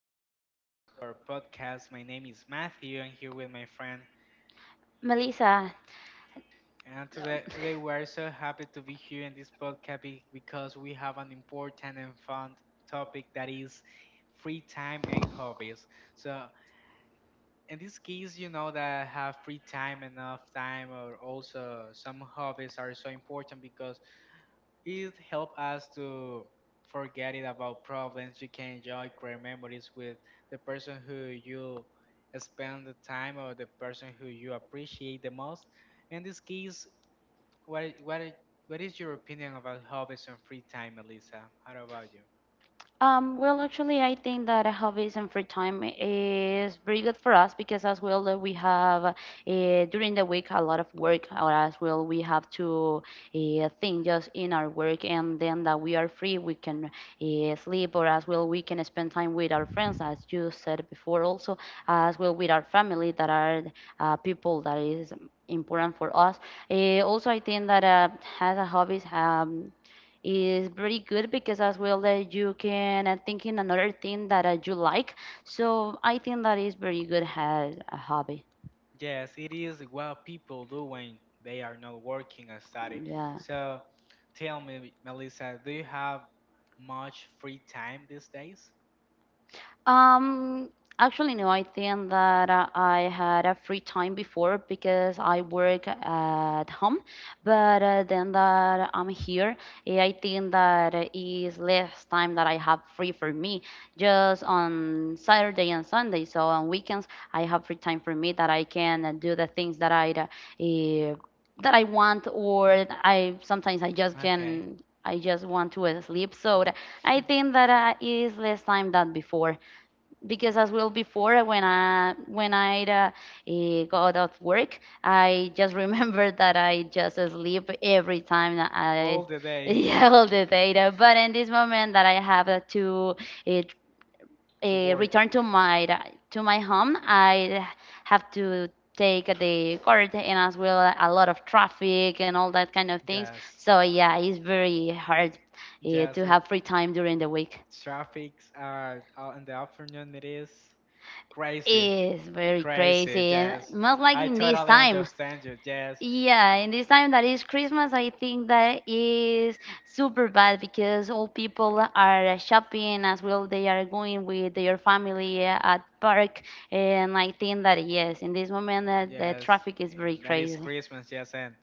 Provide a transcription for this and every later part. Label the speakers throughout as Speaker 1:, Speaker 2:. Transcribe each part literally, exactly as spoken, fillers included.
Speaker 1: everyone, and welcome to our podcast. My name is Matthew. I'm here with my friend,
Speaker 2: Melissa.
Speaker 1: and today today we are so happy to be here in this podcast be- because we have an important and fun topic
Speaker 2: Oh.
Speaker 1: that is free time and hobbies. So, in this case, you know that have free time, enough time, or also some hobbies are so important because it helps us to forget it about problems. You can enjoy great memories with the person who you spend the time or the person who you appreciate the most. In this case, what i- what i- what is your opinion about hobbies and free time, Elisa? How about you?
Speaker 2: Um, well, actually, I think that hobbies and free time is very good for us because, as well, that we have uh, during the week a lot of work, or as well, we have to uh, think just in our work, and then that we are free, we can uh, sleep, or as well, we can spend time with our friends, as you said before, also, as well, with our family that are uh, people that is important for us. Uh, also, I think that uh, as a hobbies, um, is pretty good because as well that you can uh, think in another thing that uh, you like. So I think that is very good as a hobby.
Speaker 1: Yes, it is what people do when they are not working or study.
Speaker 2: Yeah.
Speaker 1: So tell me, Melissa, do you have much free time these days?
Speaker 2: Um, actually, no. I think that uh, I had a free time before because I work at home, but uh, then that I'm here, eh, I think that uh, is less time that I have free for me. Just on Saturday and Sunday, so on weekends, I have free time for me that I can uh, do the things that I uh, eh, that I want, or I sometimes I just
Speaker 1: Okay.
Speaker 2: can. I just want to uh, sleep, so I think that uh, is less time than before because as well before when i when i uh, eh, got out of work, I just remember that I just sleep every time that I
Speaker 1: All the day
Speaker 2: yell the data. But in this moment that I have uh, to it,
Speaker 1: to
Speaker 2: uh,
Speaker 1: work.
Speaker 2: return to my to my home, I have to take the car, and as well a lot of traffic and all that kind of things.
Speaker 1: Yes.
Speaker 2: So yeah, it's very hard uh,
Speaker 1: Yes.
Speaker 2: to
Speaker 1: uh,
Speaker 2: have free time during the week.
Speaker 1: Traffics are uh, in the afternoon. It is crazy.
Speaker 2: It's very
Speaker 1: Crazy.
Speaker 2: crazy, and
Speaker 1: Yes.
Speaker 2: most likely
Speaker 1: I
Speaker 2: in this
Speaker 1: totally
Speaker 2: time.
Speaker 1: understand you. Yes.
Speaker 2: Yeah, in this time that is Christmas, I think that is super bad because all people are shopping as well. They are going with their family at park, and I think that yes, in this moment uh, the
Speaker 1: Yes,
Speaker 2: traffic is very
Speaker 1: and that is
Speaker 2: crazy.
Speaker 1: Christmas. Yes, and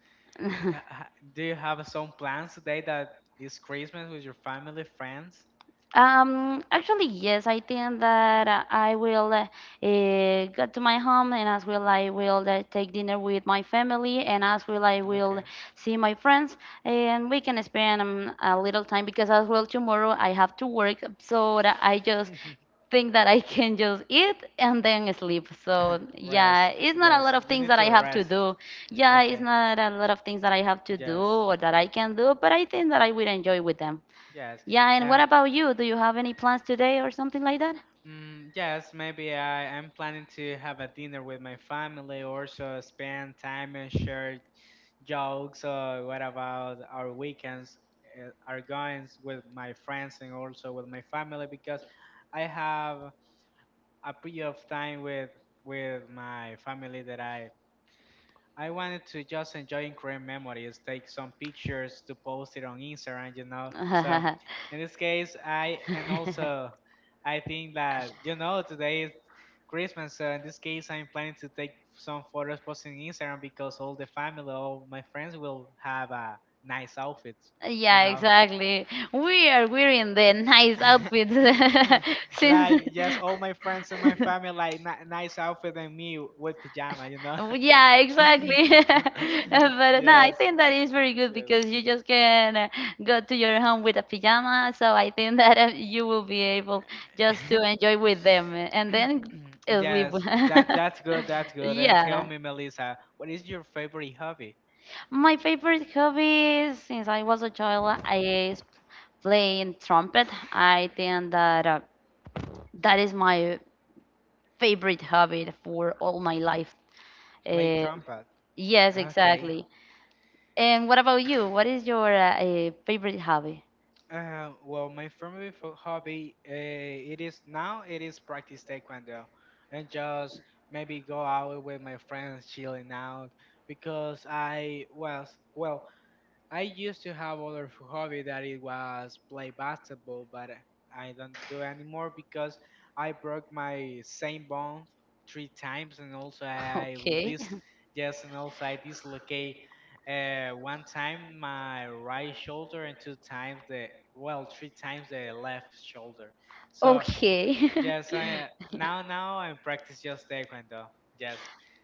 Speaker 1: uh, ha- do you have some plans today that is Christmas with your family, friends?
Speaker 2: Um, actually, yes, I think that uh, I will uh, eh, get to my home, and as well I will uh, take dinner with my family, and as well I will
Speaker 1: Okay.
Speaker 2: see my friends and we can spend um, a little time, because as well tomorrow I have to work, so that I just think that I can just eat and then sleep. So yeah,
Speaker 1: Rest.
Speaker 2: it's not a lot
Speaker 1: Yes,
Speaker 2: of
Speaker 1: you
Speaker 2: things
Speaker 1: need
Speaker 2: that
Speaker 1: to
Speaker 2: I have to
Speaker 1: rest.
Speaker 2: do. Yeah, it's
Speaker 1: Okay.
Speaker 2: not a lot of things that I have to do
Speaker 1: Yes.
Speaker 2: or that I can do, but I think that I will enjoy with them.
Speaker 1: Yes.
Speaker 2: Yeah, and what
Speaker 1: And
Speaker 2: about you? Do you have any plans today or something like that?
Speaker 1: Mm, yes, maybe I am planning to have a dinner with my family, also spend time and share jokes. Or what about our weekends, uh, our goings with my friends and also with my family? Because I have a period of time with with my family that I I wanted to just enjoy and create memories, take some pictures to post it on Instagram, you know. So in this case, I and also I think that you know today is Christmas. So in this case, I'm planning to take some photos posting Instagram because all the family, all my friends will have a nice outfit, you
Speaker 2: Yeah,
Speaker 1: know.
Speaker 2: exactly. We are wearing the nice outfits since
Speaker 1: Like, yes, all my friends and my family like ni- nice outfit and me with pajama, you know.
Speaker 2: Oh, yeah, exactly. But no, I
Speaker 1: Yes,
Speaker 2: think that is very good
Speaker 1: yes.
Speaker 2: because you just can uh, go to your home with a pajama. So I think that uh, you will be able just to enjoy with them, uh, and then uh, sleep.
Speaker 1: Yes, that that's good. That's good. And tell
Speaker 2: Yeah.
Speaker 1: me, Melissa, what is your favorite hobby?
Speaker 2: My favorite hobby since I was a child is playing trumpet. I think that uh, that is my favorite hobby for all my life.
Speaker 1: Play
Speaker 2: Eh,
Speaker 1: trumpet.
Speaker 2: yes,
Speaker 1: Okay.
Speaker 2: exactly. And what about you? What is your uh, eh, favorite hobby?
Speaker 1: Uh, well, my favorite fo- hobby, uh, it is now it is practice taekwondo, and just maybe go out with my friends, chilling out, because I was, well, I used to have other f- hobby that it was play basketball, but uh, I don't do anymore because I broke my same bone three times, and also I
Speaker 2: Okay.
Speaker 1: this, yes, and also I dislocate uh, one time my right shoulder and two times the, well, three times the left shoulder. So
Speaker 2: Okay.
Speaker 1: yes, I now now I practice just taekwondo. Yes,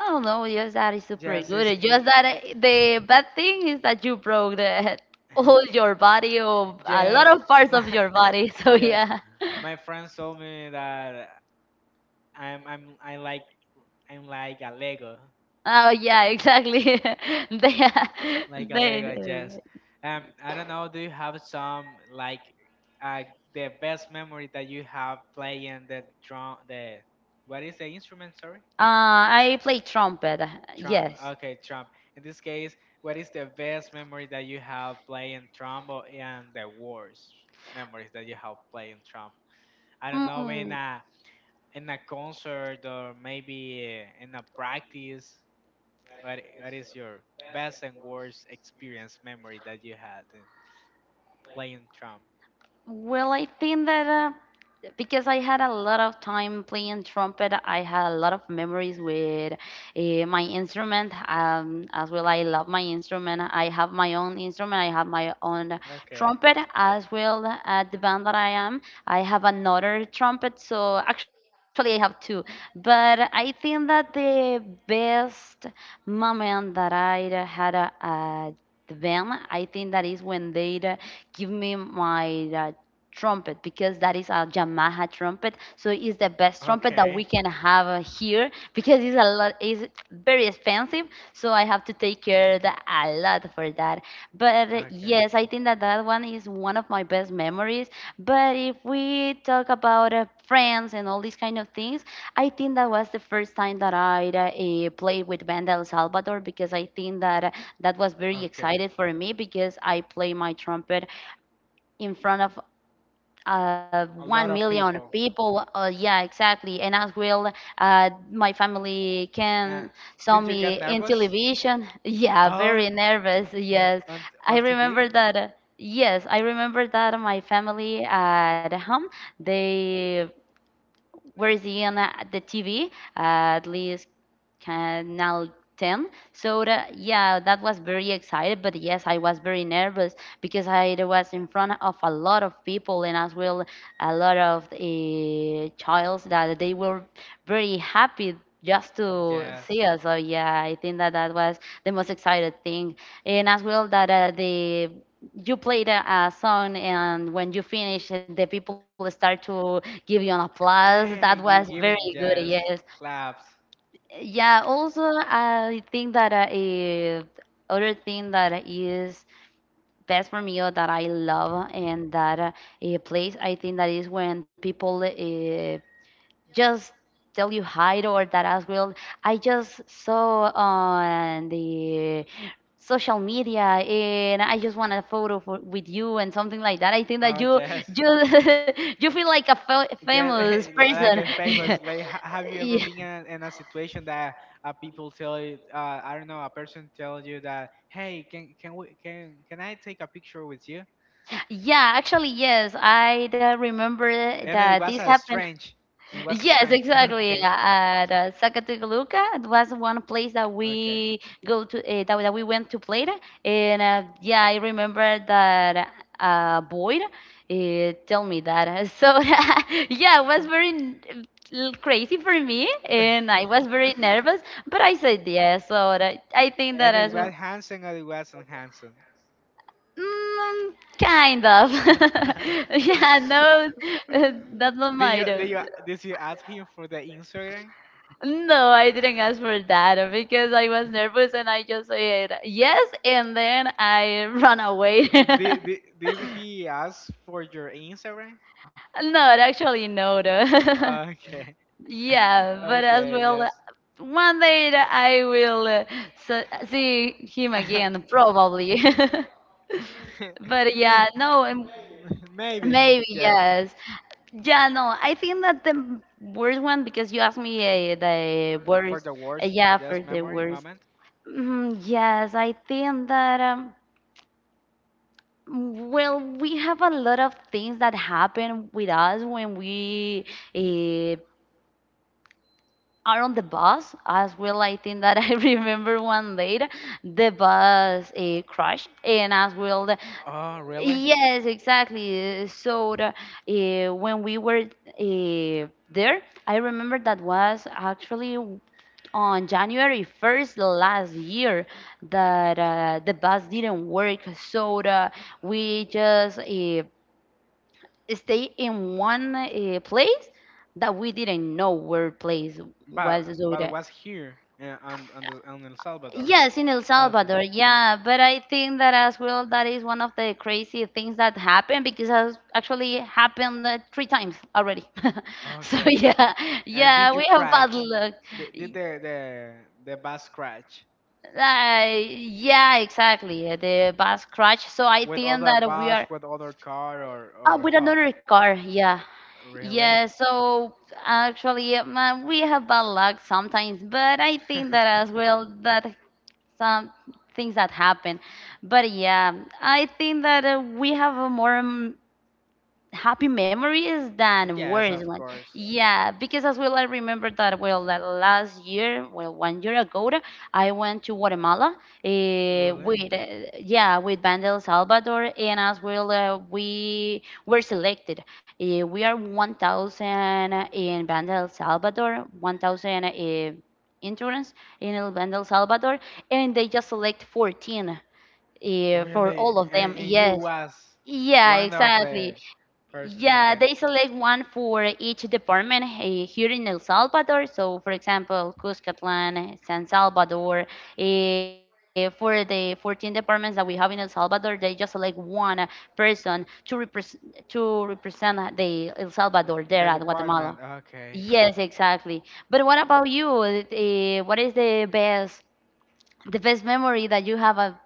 Speaker 2: Oh no, yes, that is super
Speaker 1: yes, it's.
Speaker 2: good. Just that uh, the bad thing is that you broke the, all your body or a lot
Speaker 1: Yes,
Speaker 2: of parts
Speaker 1: my
Speaker 2: of your body. So
Speaker 1: yes,
Speaker 2: yeah.
Speaker 1: my friends told me that I'm I'm I like I'm like a Lego,
Speaker 2: Oh yeah, exactly. They,
Speaker 1: like a Lego.
Speaker 2: they,
Speaker 1: Yes. Um, I don't know. Do you have some, like, uh the best memory that you have playing the drum the what is the instrument? Sorry,
Speaker 2: uh, I play trumpet.
Speaker 1: trump.
Speaker 2: Yes.
Speaker 1: Okay, trump. In this case, what is the best memory that you have playing trump or- and the worst memories that you have playing trump? I don't know,
Speaker 2: Mm.
Speaker 1: man. In a concert or maybe uh, in a practice? What i- what is your best and worst experience memory that you had in playing trump?
Speaker 2: Well, I think that uh, because I had a lot of time playing trumpet, I had a lot of memories with uh, my instrument. Um, as well, I love my instrument. I have my own instrument. I have my own
Speaker 1: Okay.
Speaker 2: trumpet as well. At the band that I am, I have another trumpet. So actually, I have two. But I think that the best moment that I had uh, at the band, I think that is when they give me my uh, trumpet, because that is a Yamaha trumpet. So it's the best trumpet that
Speaker 1: Okay.
Speaker 2: we can have uh, here, because it's a lot it's very expensive. So I have to take care that a lot for that. But uh,
Speaker 1: Okay.
Speaker 2: yes, I think that that one is one of my best memories. But if we talk about uh, friends and all these kind of things, I think that was the first time that I uh, eh, played with Banda El Salvador, because I think that uh, that was very
Speaker 1: Okay.
Speaker 2: excited for me, because I play my trumpet in front of uh,
Speaker 1: A
Speaker 2: one
Speaker 1: lot of
Speaker 2: million
Speaker 1: people.
Speaker 2: people. Uh, yeah, exactly. And as well, uh, my family
Speaker 1: Uh,
Speaker 2: can saw
Speaker 1: did you get
Speaker 2: me in
Speaker 1: nervous?
Speaker 2: television. Yeah,
Speaker 1: Oh,
Speaker 2: very nervous.
Speaker 1: n-
Speaker 2: Yes,
Speaker 1: on
Speaker 2: I
Speaker 1: on T V?
Speaker 2: remember that. uh, Yes, I remember that my family at home, they where is he on uh, the T V? Uh, at least Canal ten. So that, yeah, that was very excited. But yes, I was very nervous because I was in front of a lot of people, and as well a lot of uh, childs that they were very happy just to
Speaker 1: Yes.
Speaker 2: see us. So yeah, I think that that was the most excited thing. And as well that uh, the you played a, a song, and when you finish the people start to give you an applause,
Speaker 1: Hey,
Speaker 2: that
Speaker 1: gi-
Speaker 2: was
Speaker 1: giving
Speaker 2: very good,
Speaker 1: yes
Speaker 2: yes,
Speaker 1: claps.
Speaker 2: yeah. Also, I think that uh, eh, other thing that is best for me, or that I love and that uh, eh, place, I think that is when people uh, just tell you hi, or that as well I just saw on the social media and I just want a photo for, with you and something like that. I think that
Speaker 1: Oh
Speaker 2: you
Speaker 1: yes.
Speaker 2: you you feel like a fa-
Speaker 1: Yeah,
Speaker 2: famous person.
Speaker 1: like a famous. Like, ha- have you
Speaker 2: Yeah.
Speaker 1: ever been in a, in a situation that uh, people tell you, uh, I don't know, a person tells you that, hey, can can we can can I take a picture with you?
Speaker 2: Yeah, actually yes. I uh, remember
Speaker 1: And it
Speaker 2: that
Speaker 1: was
Speaker 2: this
Speaker 1: a
Speaker 2: happened.
Speaker 1: strange. It was a
Speaker 2: Yes,
Speaker 1: strange.
Speaker 2: exactly.
Speaker 1: Okay.
Speaker 2: At uh, Zacatecoluca, it was one place that
Speaker 1: Okay.
Speaker 2: we go to uh, that, that we went to play, and uh, yeah, I remember that uh, Boyd uh, tell me that. So yeah, it was very n- l- crazy for me, and I was very nervous, but I said yes. So that, I think
Speaker 1: And
Speaker 2: that
Speaker 1: it
Speaker 2: as
Speaker 1: was
Speaker 2: well.
Speaker 1: handsome, or it wasn't handsome.
Speaker 2: Mm, kind of. Yeah, no, that's not my.
Speaker 1: Did you did you did you ask him for the Instagram?
Speaker 2: No, I didn't ask for that because I was nervous and I just said yes, and then I ran away.
Speaker 1: Did, did did he ask for your Instagram?
Speaker 2: No, actually, no.
Speaker 1: Uh,
Speaker 2: though.
Speaker 1: Okay,
Speaker 2: Yeah, but
Speaker 1: okay,
Speaker 2: as
Speaker 1: yes.
Speaker 2: well, one day that I will uh, s- see him again, probably. But yeah, no, um,
Speaker 1: Maybe yes.
Speaker 2: maybe yes. Yeah, no, I think that the worst one, because you asked me uh,
Speaker 1: For
Speaker 2: the
Speaker 1: the
Speaker 2: worst.
Speaker 1: worst,
Speaker 2: Uh,
Speaker 1: just
Speaker 2: yeah, for
Speaker 1: memory
Speaker 2: the
Speaker 1: moment.
Speaker 2: worst. Mm, yes, I think that, um, well, we have a lot of things that happen with us when we eh, are on the bus. As well, I think that I remember one day the bus uh, crashed, and as well, the,
Speaker 1: Oh, really?
Speaker 2: Yes, exactly. Uh, So the, uh, when we were uh, there, I remember that was actually w- on January first last year that uh, the bus didn't work. So the, we just uh, stay in one uh, place that we didn't know where place
Speaker 1: But
Speaker 2: was. So
Speaker 1: but it
Speaker 2: the,
Speaker 1: was here uh, on on the on El Salvador.
Speaker 2: Yes, in El
Speaker 1: Okay.
Speaker 2: Salvador, yeah, but I think that as well that is one of the crazy things that happened, because has actually happened uh, three times already. So
Speaker 1: Okay.
Speaker 2: yeah,
Speaker 1: And
Speaker 2: yeah,
Speaker 1: did you
Speaker 2: we have bad
Speaker 1: crash?
Speaker 2: luck.
Speaker 1: Did, did
Speaker 2: Y-
Speaker 1: the the the bus crash
Speaker 2: Uh, yeah, exactly. uh, The bus crash. So I
Speaker 1: with
Speaker 2: think
Speaker 1: other
Speaker 2: that we
Speaker 1: bus,
Speaker 2: are
Speaker 1: with other car, or
Speaker 2: uh,
Speaker 1: or
Speaker 2: with
Speaker 1: huh?
Speaker 2: another car. Yeah,
Speaker 1: Really?
Speaker 2: yeah. So actually, um, uh, we have bad luck sometimes, but I think that as well that some things that happen. But yeah, I think that uh, we have a more um, happy memories than
Speaker 1: Yes,
Speaker 2: worse
Speaker 1: of
Speaker 2: one.
Speaker 1: course.
Speaker 2: Yeah, because as well, I remember that well that last year, well one year ago, I went to Guatemala uh,
Speaker 1: Really?
Speaker 2: with uh, yeah with Banda El Salvador, and as well uh, we were selected. Uh, we are one thousand eh, in Banda El Salvador, one thousand. Uh, interns in El Banda El Salvador, and they just select fourteen uh, for
Speaker 1: Really?
Speaker 2: all of
Speaker 1: And,
Speaker 2: them.
Speaker 1: and you
Speaker 2: Yes,
Speaker 1: was
Speaker 2: yeah,
Speaker 1: one of
Speaker 2: exactly.
Speaker 1: the person,
Speaker 2: Yeah,
Speaker 1: okay.
Speaker 2: they select one for each department eh, here in El Salvador. So, for example, Cuscatlan, eh, San Salvador. eh, for the fourteen departments that we have in El Salvador, they just select one uh, person to represent to represent uh, the El Salvador
Speaker 1: The,
Speaker 2: there at
Speaker 1: the
Speaker 2: Guatemala.
Speaker 1: department, okay.
Speaker 2: Yes, exactly. But what about you? Eh, what is the best the best memory that you have at,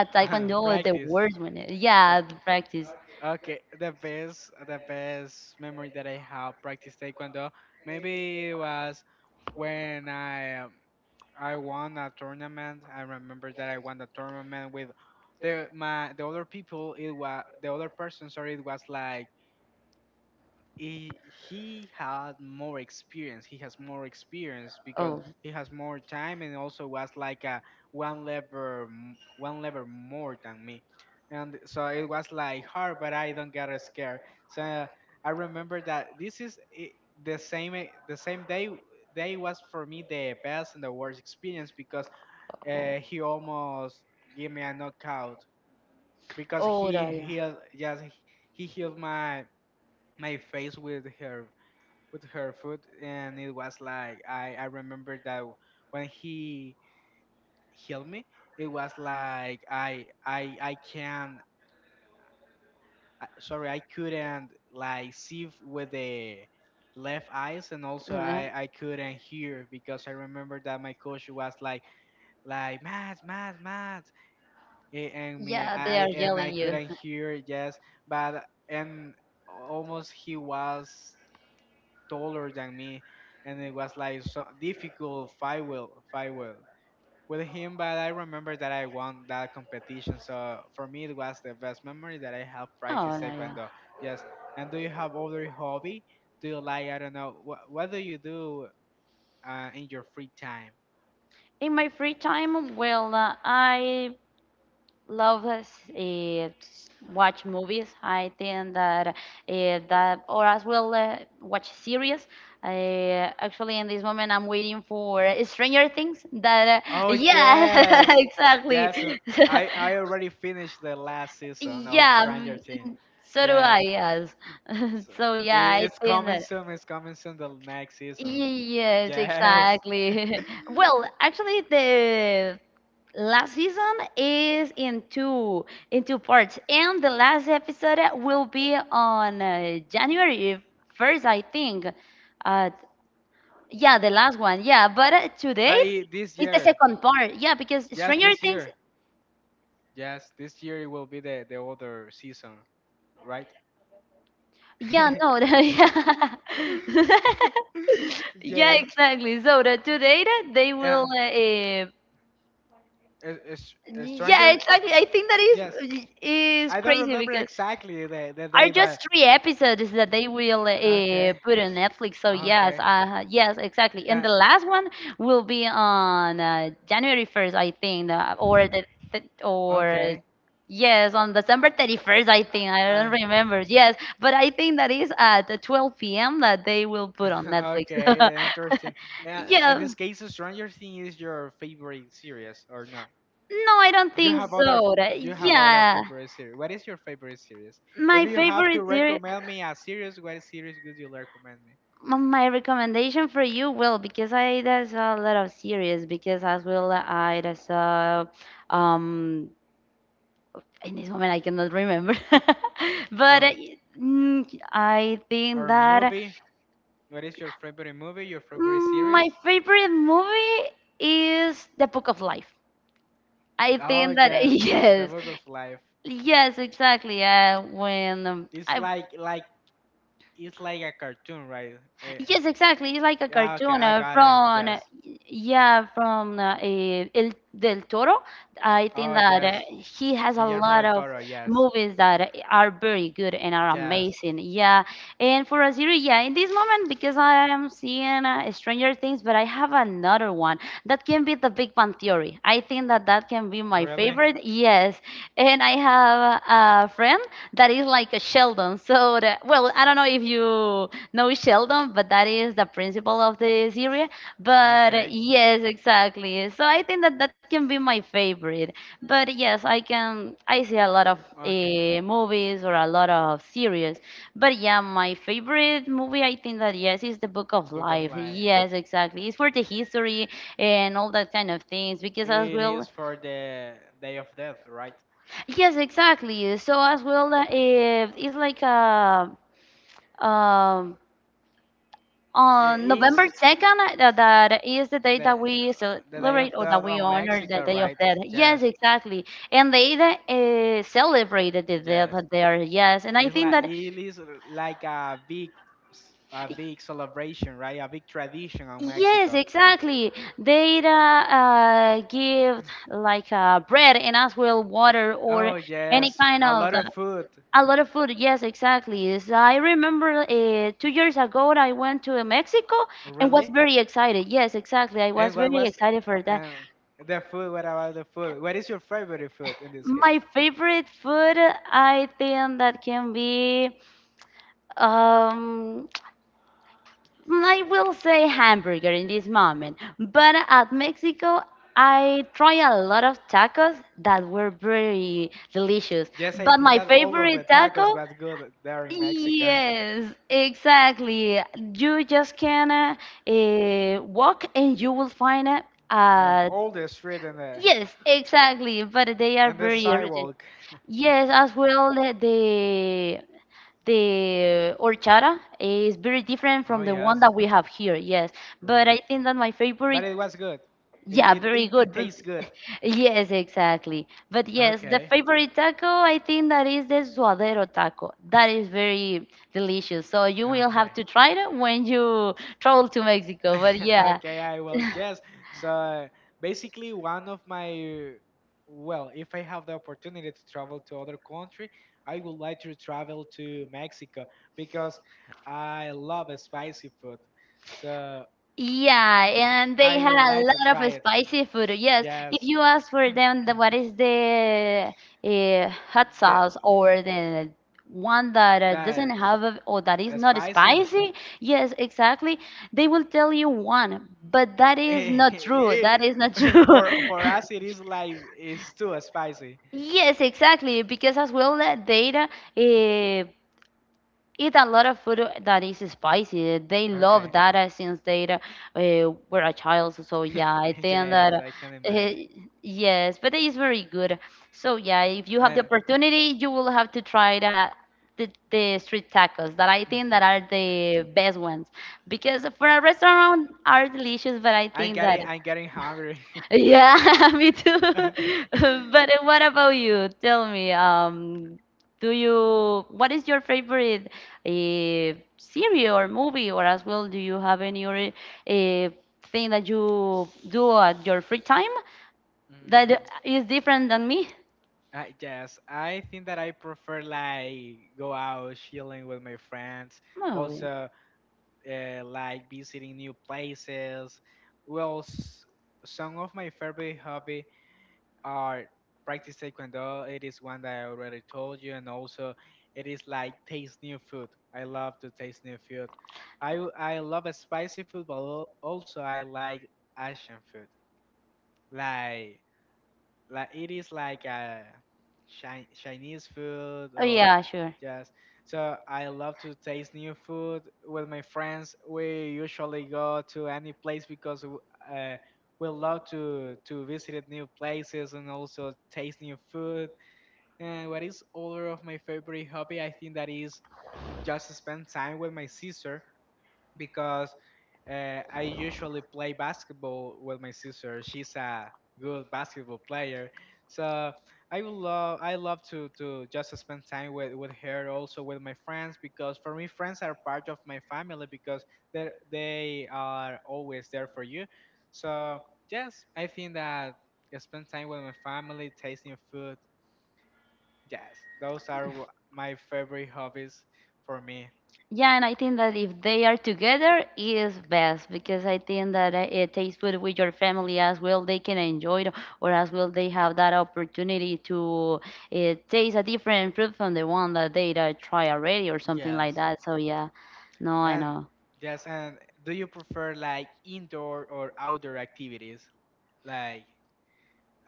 Speaker 2: at Taekwondo?
Speaker 1: Practice.
Speaker 2: The worst one?
Speaker 1: Right.
Speaker 2: Yeah, the practice.
Speaker 1: Okay, the best the best memory that I have practice taekwondo maybe it was when I um, I won a tournament. I remember that I won the tournament with the my the other people. It was the other person. Sorry, it was like he, he had more experience. He has more experience because
Speaker 2: Oh.
Speaker 1: he has more time and also was like a one level m- one level more than me. And so it was like hard, but I don't get scared. So I remember that this is i- the same e- the same day day was for me the best and the worst experience because uh, he almost gave me a knockout because
Speaker 2: Oh, oh,
Speaker 1: he
Speaker 2: yeah, yeah.
Speaker 1: healed just he healed my my face with her, with her food, and it was like I I remember that w- when he healed me, it was like I I I can I- sorry, I couldn't like see f- with the left eyes, and also I
Speaker 2: Yeah.
Speaker 1: I couldn't hear because I remember that my coach was like like mad mad mad a- and me
Speaker 2: Yeah,
Speaker 1: I
Speaker 2: they are
Speaker 1: and I
Speaker 2: yelling you.
Speaker 1: couldn't hear, yes, but, and almost he was taller than me, and it was like so difficult fight with fight with with him. But I remember that I won that competition, so for me it was the best memory that I have practiced
Speaker 2: Oh no, yeah.
Speaker 1: taekwondo. Yes. And do you have other hobby? Do you like, I don't know, what what do you do uh, in your free time?
Speaker 2: In my free time, well, uh, I love uh, s- eh, s- watch movies. I think that uh, that, or as well uh, watch series. I, actually, in this moment, I'm waiting for Stranger Things. That uh, Oh,
Speaker 1: Oh
Speaker 2: yeah,
Speaker 1: yes,
Speaker 2: exactly.
Speaker 1: yes. And I I already finished the last season of
Speaker 2: Yeah,
Speaker 1: Stranger
Speaker 2: mm,
Speaker 1: Things.
Speaker 2: mm, so do I,
Speaker 1: Yes.
Speaker 2: yes.
Speaker 1: So
Speaker 2: So
Speaker 1: it,
Speaker 2: yeah, I
Speaker 1: it's
Speaker 2: think
Speaker 1: coming
Speaker 2: that.
Speaker 1: soon. It's coming soon. The next season.
Speaker 2: Yes,
Speaker 1: Yes.
Speaker 2: exactly. Well, actually, the last season is in two in two parts, and the last episode will be on uh, January first, I think. Uh, yeah, the last one. Yeah, but uh, today
Speaker 1: But it, this
Speaker 2: is the
Speaker 1: year,
Speaker 2: second part. Yeah, because
Speaker 1: yes,
Speaker 2: Stranger
Speaker 1: this
Speaker 2: Things
Speaker 1: year, yes, this year it will be the the other season, right?
Speaker 2: Yeah, no, yeah. Yeah,
Speaker 1: Yes.
Speaker 2: exactly. So that today that they will
Speaker 1: And
Speaker 2: uh, eh,
Speaker 1: a, a s- a
Speaker 2: yeah,
Speaker 1: stranger.
Speaker 2: exactly. I think that
Speaker 1: Yes.
Speaker 2: is is
Speaker 1: I don't
Speaker 2: crazy
Speaker 1: remember
Speaker 2: because
Speaker 1: exactly the the
Speaker 2: are
Speaker 1: day, but
Speaker 2: just three episodes that they will uh,
Speaker 1: okay.
Speaker 2: put on Netflix. So
Speaker 1: Ah,
Speaker 2: yes,
Speaker 1: Okay.
Speaker 2: uh, yes, exactly. And the
Speaker 1: Uh,
Speaker 2: last one will be on uh, January first, I think, uh, or the th- or
Speaker 1: okay.
Speaker 2: yes, on December thirty first, I think. I
Speaker 1: Uh,
Speaker 2: don't remember. Yes, but I think that is at the twelve p m that they will
Speaker 1: uh,
Speaker 2: put on Netflix.
Speaker 1: okay. uh, Interesting. Uh, in
Speaker 2: Yeah.
Speaker 1: this case, Stranger Things is your favorite series or not?
Speaker 2: No, I don't
Speaker 1: You
Speaker 2: think
Speaker 1: have other.
Speaker 2: so.
Speaker 1: f- You
Speaker 2: That-
Speaker 1: have other
Speaker 2: Yeah,
Speaker 1: favorite series. What is your favorite series? If
Speaker 2: my
Speaker 1: you have to
Speaker 2: favorite series.
Speaker 1: recommend me a series, what series would you recommend me?
Speaker 2: M- My recommendation for you will because I there's a lot of series because as well I there's a um in this moment I cannot remember but uh,
Speaker 1: Or
Speaker 2: mm, I think
Speaker 1: or
Speaker 2: that
Speaker 1: movie? What is your favorite movie? Your favorite
Speaker 2: mm,
Speaker 1: series?
Speaker 2: my favorite movie is The Book of Life. I
Speaker 1: Oh
Speaker 2: think that
Speaker 1: yes, The
Speaker 2: yes
Speaker 1: Book of Life.
Speaker 2: yes exactly uh, when um,
Speaker 1: It's
Speaker 2: I
Speaker 1: like, like it's like a cartoon, right? Eh,
Speaker 2: Yes, exactly. It's like a
Speaker 1: yeah, okay,
Speaker 2: cartoon
Speaker 1: I
Speaker 2: uh,
Speaker 1: got it.
Speaker 2: from, uh,
Speaker 1: Yes.
Speaker 2: yeah, from uh, eh, El Del Toro. I think
Speaker 1: Oh,
Speaker 2: that uh,
Speaker 1: yes.
Speaker 2: he has a
Speaker 1: Guillermo
Speaker 2: lot
Speaker 1: del
Speaker 2: of
Speaker 1: Toro. Yes.
Speaker 2: movies that are very good and are
Speaker 1: Yes.
Speaker 2: amazing. Yeah, and for Aziri, yeah, in this moment, because I am seeing uh, Stranger Things, but I have another one that can be The Big Bang Theory. I think that that can be my
Speaker 1: Really?
Speaker 2: favorite. Yes, and I have a friend that is like a Sheldon. So, the, well, I don't know if you know Sheldon, but that is the principal of the series. But uh,
Speaker 1: Okay.
Speaker 2: yes, exactly. So I think that that can be my favorite. But yes, I can. I see a lot of
Speaker 1: Okay.
Speaker 2: uh, movies or a lot of series. But yeah, my favorite movie, I think that yes, is The Book of
Speaker 1: Book of
Speaker 2: Life.
Speaker 1: Life.
Speaker 2: Yes, exactly. It's for the history and all that kind of things because as
Speaker 1: It
Speaker 2: well,
Speaker 1: is for the Day of Death, right?
Speaker 2: yes, exactly. So as well, uh, it's like a um On
Speaker 1: Eh, Is
Speaker 2: November second, uh, that that is the day
Speaker 1: the
Speaker 2: that we
Speaker 1: the day of
Speaker 2: celebrate or
Speaker 1: the
Speaker 2: that we
Speaker 1: on
Speaker 2: honor the
Speaker 1: Mexico,
Speaker 2: Day of
Speaker 1: right?
Speaker 2: Death. Yes,
Speaker 1: Yes,
Speaker 2: exactly. And they uh, celebrated the death
Speaker 1: yes.
Speaker 2: there, yes. And I
Speaker 1: It's
Speaker 2: think
Speaker 1: like,
Speaker 2: that,
Speaker 1: it is like a big s- a big celebration, right? A big tradition on
Speaker 2: yes,
Speaker 1: Mexico.
Speaker 2: exactly. They uh, uh, give like uh, bread and as well water or
Speaker 1: Oh
Speaker 2: any
Speaker 1: yes,
Speaker 2: kind
Speaker 1: a
Speaker 2: of
Speaker 1: lot of
Speaker 2: the,
Speaker 1: food.
Speaker 2: a lot of food. Yes, exactly. So I remember uh, two years ago I went to Mexico and was
Speaker 1: Really?
Speaker 2: very excited. Yes, exactly. I
Speaker 1: And
Speaker 2: was
Speaker 1: what
Speaker 2: very
Speaker 1: was
Speaker 2: excited for that.
Speaker 1: uh, the food? What about the food? What is your favorite food in this case?
Speaker 2: My favorite food, I think that can be, um, I will say hamburger in this moment. But at Mexico, I try a lot of tacos that were very delicious.
Speaker 1: Yes, I
Speaker 2: But
Speaker 1: think
Speaker 2: my
Speaker 1: that all of
Speaker 2: favorite
Speaker 1: the tacos
Speaker 2: taco,
Speaker 1: was good there in Mexico,
Speaker 2: yes, exactly. You just can uh, eh, walk and you will find a
Speaker 1: and
Speaker 2: a
Speaker 1: all the street and the
Speaker 2: Yes, exactly. But they are
Speaker 1: and the
Speaker 2: very urgent.
Speaker 1: sidewalk.
Speaker 2: Yes, as well, the the the horchata is very different
Speaker 1: Oh
Speaker 2: from the
Speaker 1: yes,
Speaker 2: one that we have here. Yes, but
Speaker 1: really.
Speaker 2: I think that my
Speaker 1: But
Speaker 2: favorite,
Speaker 1: it was good. It
Speaker 2: yeah,
Speaker 1: it
Speaker 2: very
Speaker 1: it, it
Speaker 2: good. But-
Speaker 1: tastes good.
Speaker 2: Yes, exactly. But yes, the
Speaker 1: Okay.
Speaker 2: favorite taco I think that is the suadero taco. That is very delicious. So you will have
Speaker 1: Okay.
Speaker 2: to try it when you travel to Mexico. But yeah.
Speaker 1: Okay, I will. Yes. So basically, one of my, well, if I have the opportunity to travel to other country, I would like to travel to Mexico because I love uh, spicy food. So
Speaker 2: Yeah, and they
Speaker 1: I
Speaker 2: had
Speaker 1: would
Speaker 2: a
Speaker 1: like to
Speaker 2: lot
Speaker 1: try
Speaker 2: of
Speaker 1: it.
Speaker 2: spicy food. Yes,
Speaker 1: Yes,
Speaker 2: if you ask for them, the, what is the uh, hot
Speaker 1: the,
Speaker 2: sauce or the one that uh,
Speaker 1: that
Speaker 2: doesn't
Speaker 1: is
Speaker 2: have a, or that is
Speaker 1: uh,
Speaker 2: not
Speaker 1: spicy.
Speaker 2: spicy? Yes, exactly. They will tell you one, but that is not true.
Speaker 1: Eh,
Speaker 2: That is not true.
Speaker 1: for for us it is like it's too spicy.
Speaker 2: Yes, exactly. Because as well, that data uh, eat a lot of food that is spicy. They love
Speaker 1: Okay.
Speaker 2: that uh, since they uh, were a child. So yeah, I think that
Speaker 1: Yes, I can
Speaker 2: uh,
Speaker 1: imagine.
Speaker 2: yes, but it is very good. So yeah, if you have
Speaker 1: Uh,
Speaker 2: the opportunity, you will have to try the the, the street tacos that I think that are the best ones because for a restaurant are delicious, but I
Speaker 1: I'm
Speaker 2: think that.
Speaker 1: getting I'm getting hungry.
Speaker 2: Yeah, me too. But uh, what about you? Tell me, um, do you, what is your favorite uh, series or movie, or as well, do you have any other uh, thing that you do at your free time that
Speaker 1: Mm,
Speaker 2: is different than me?
Speaker 1: I yes, I think that I prefer like go out chilling with my friends.
Speaker 2: Oh, yeah.
Speaker 1: Also, uh, like visiting new places. Well, s- some of my favorite hobby are practice taekwondo. It is one that I already told you, and also it is like taste new food. I love to taste new food. I w- I love spicy food, but al- also I like Asian food, like like it is like a chi- Chinese food,
Speaker 2: Oh,
Speaker 1: or
Speaker 2: yeah, sure.
Speaker 1: just so I love to taste new food with my friends. We usually go to any place because w- uh, we love to to visit new places and also taste new food. And what is other of my favorite hobby? I think that is just spend time with my sister because uh, I usually play basketball with my sister. She's a good basketball player, so I would love I love to to just spend time with with her, also with my friends, because for me friends are part of my family because they they are always there for you. So yes, I think that I spend time with my family, tasting food. Yes, those are wh- my favorite hobbies for me.
Speaker 2: Yeah, and I think that if they are together it is best because I think that uh, it tastes good with your family as well. They can enjoy it, or as well they have that opportunity to uh, taste a different fruit from the one that they uh, try already or something like
Speaker 1: Yes.
Speaker 2: that. So yeah, no, I
Speaker 1: And
Speaker 2: know.
Speaker 1: yes, and do you prefer like indoor or outdoor activities? Like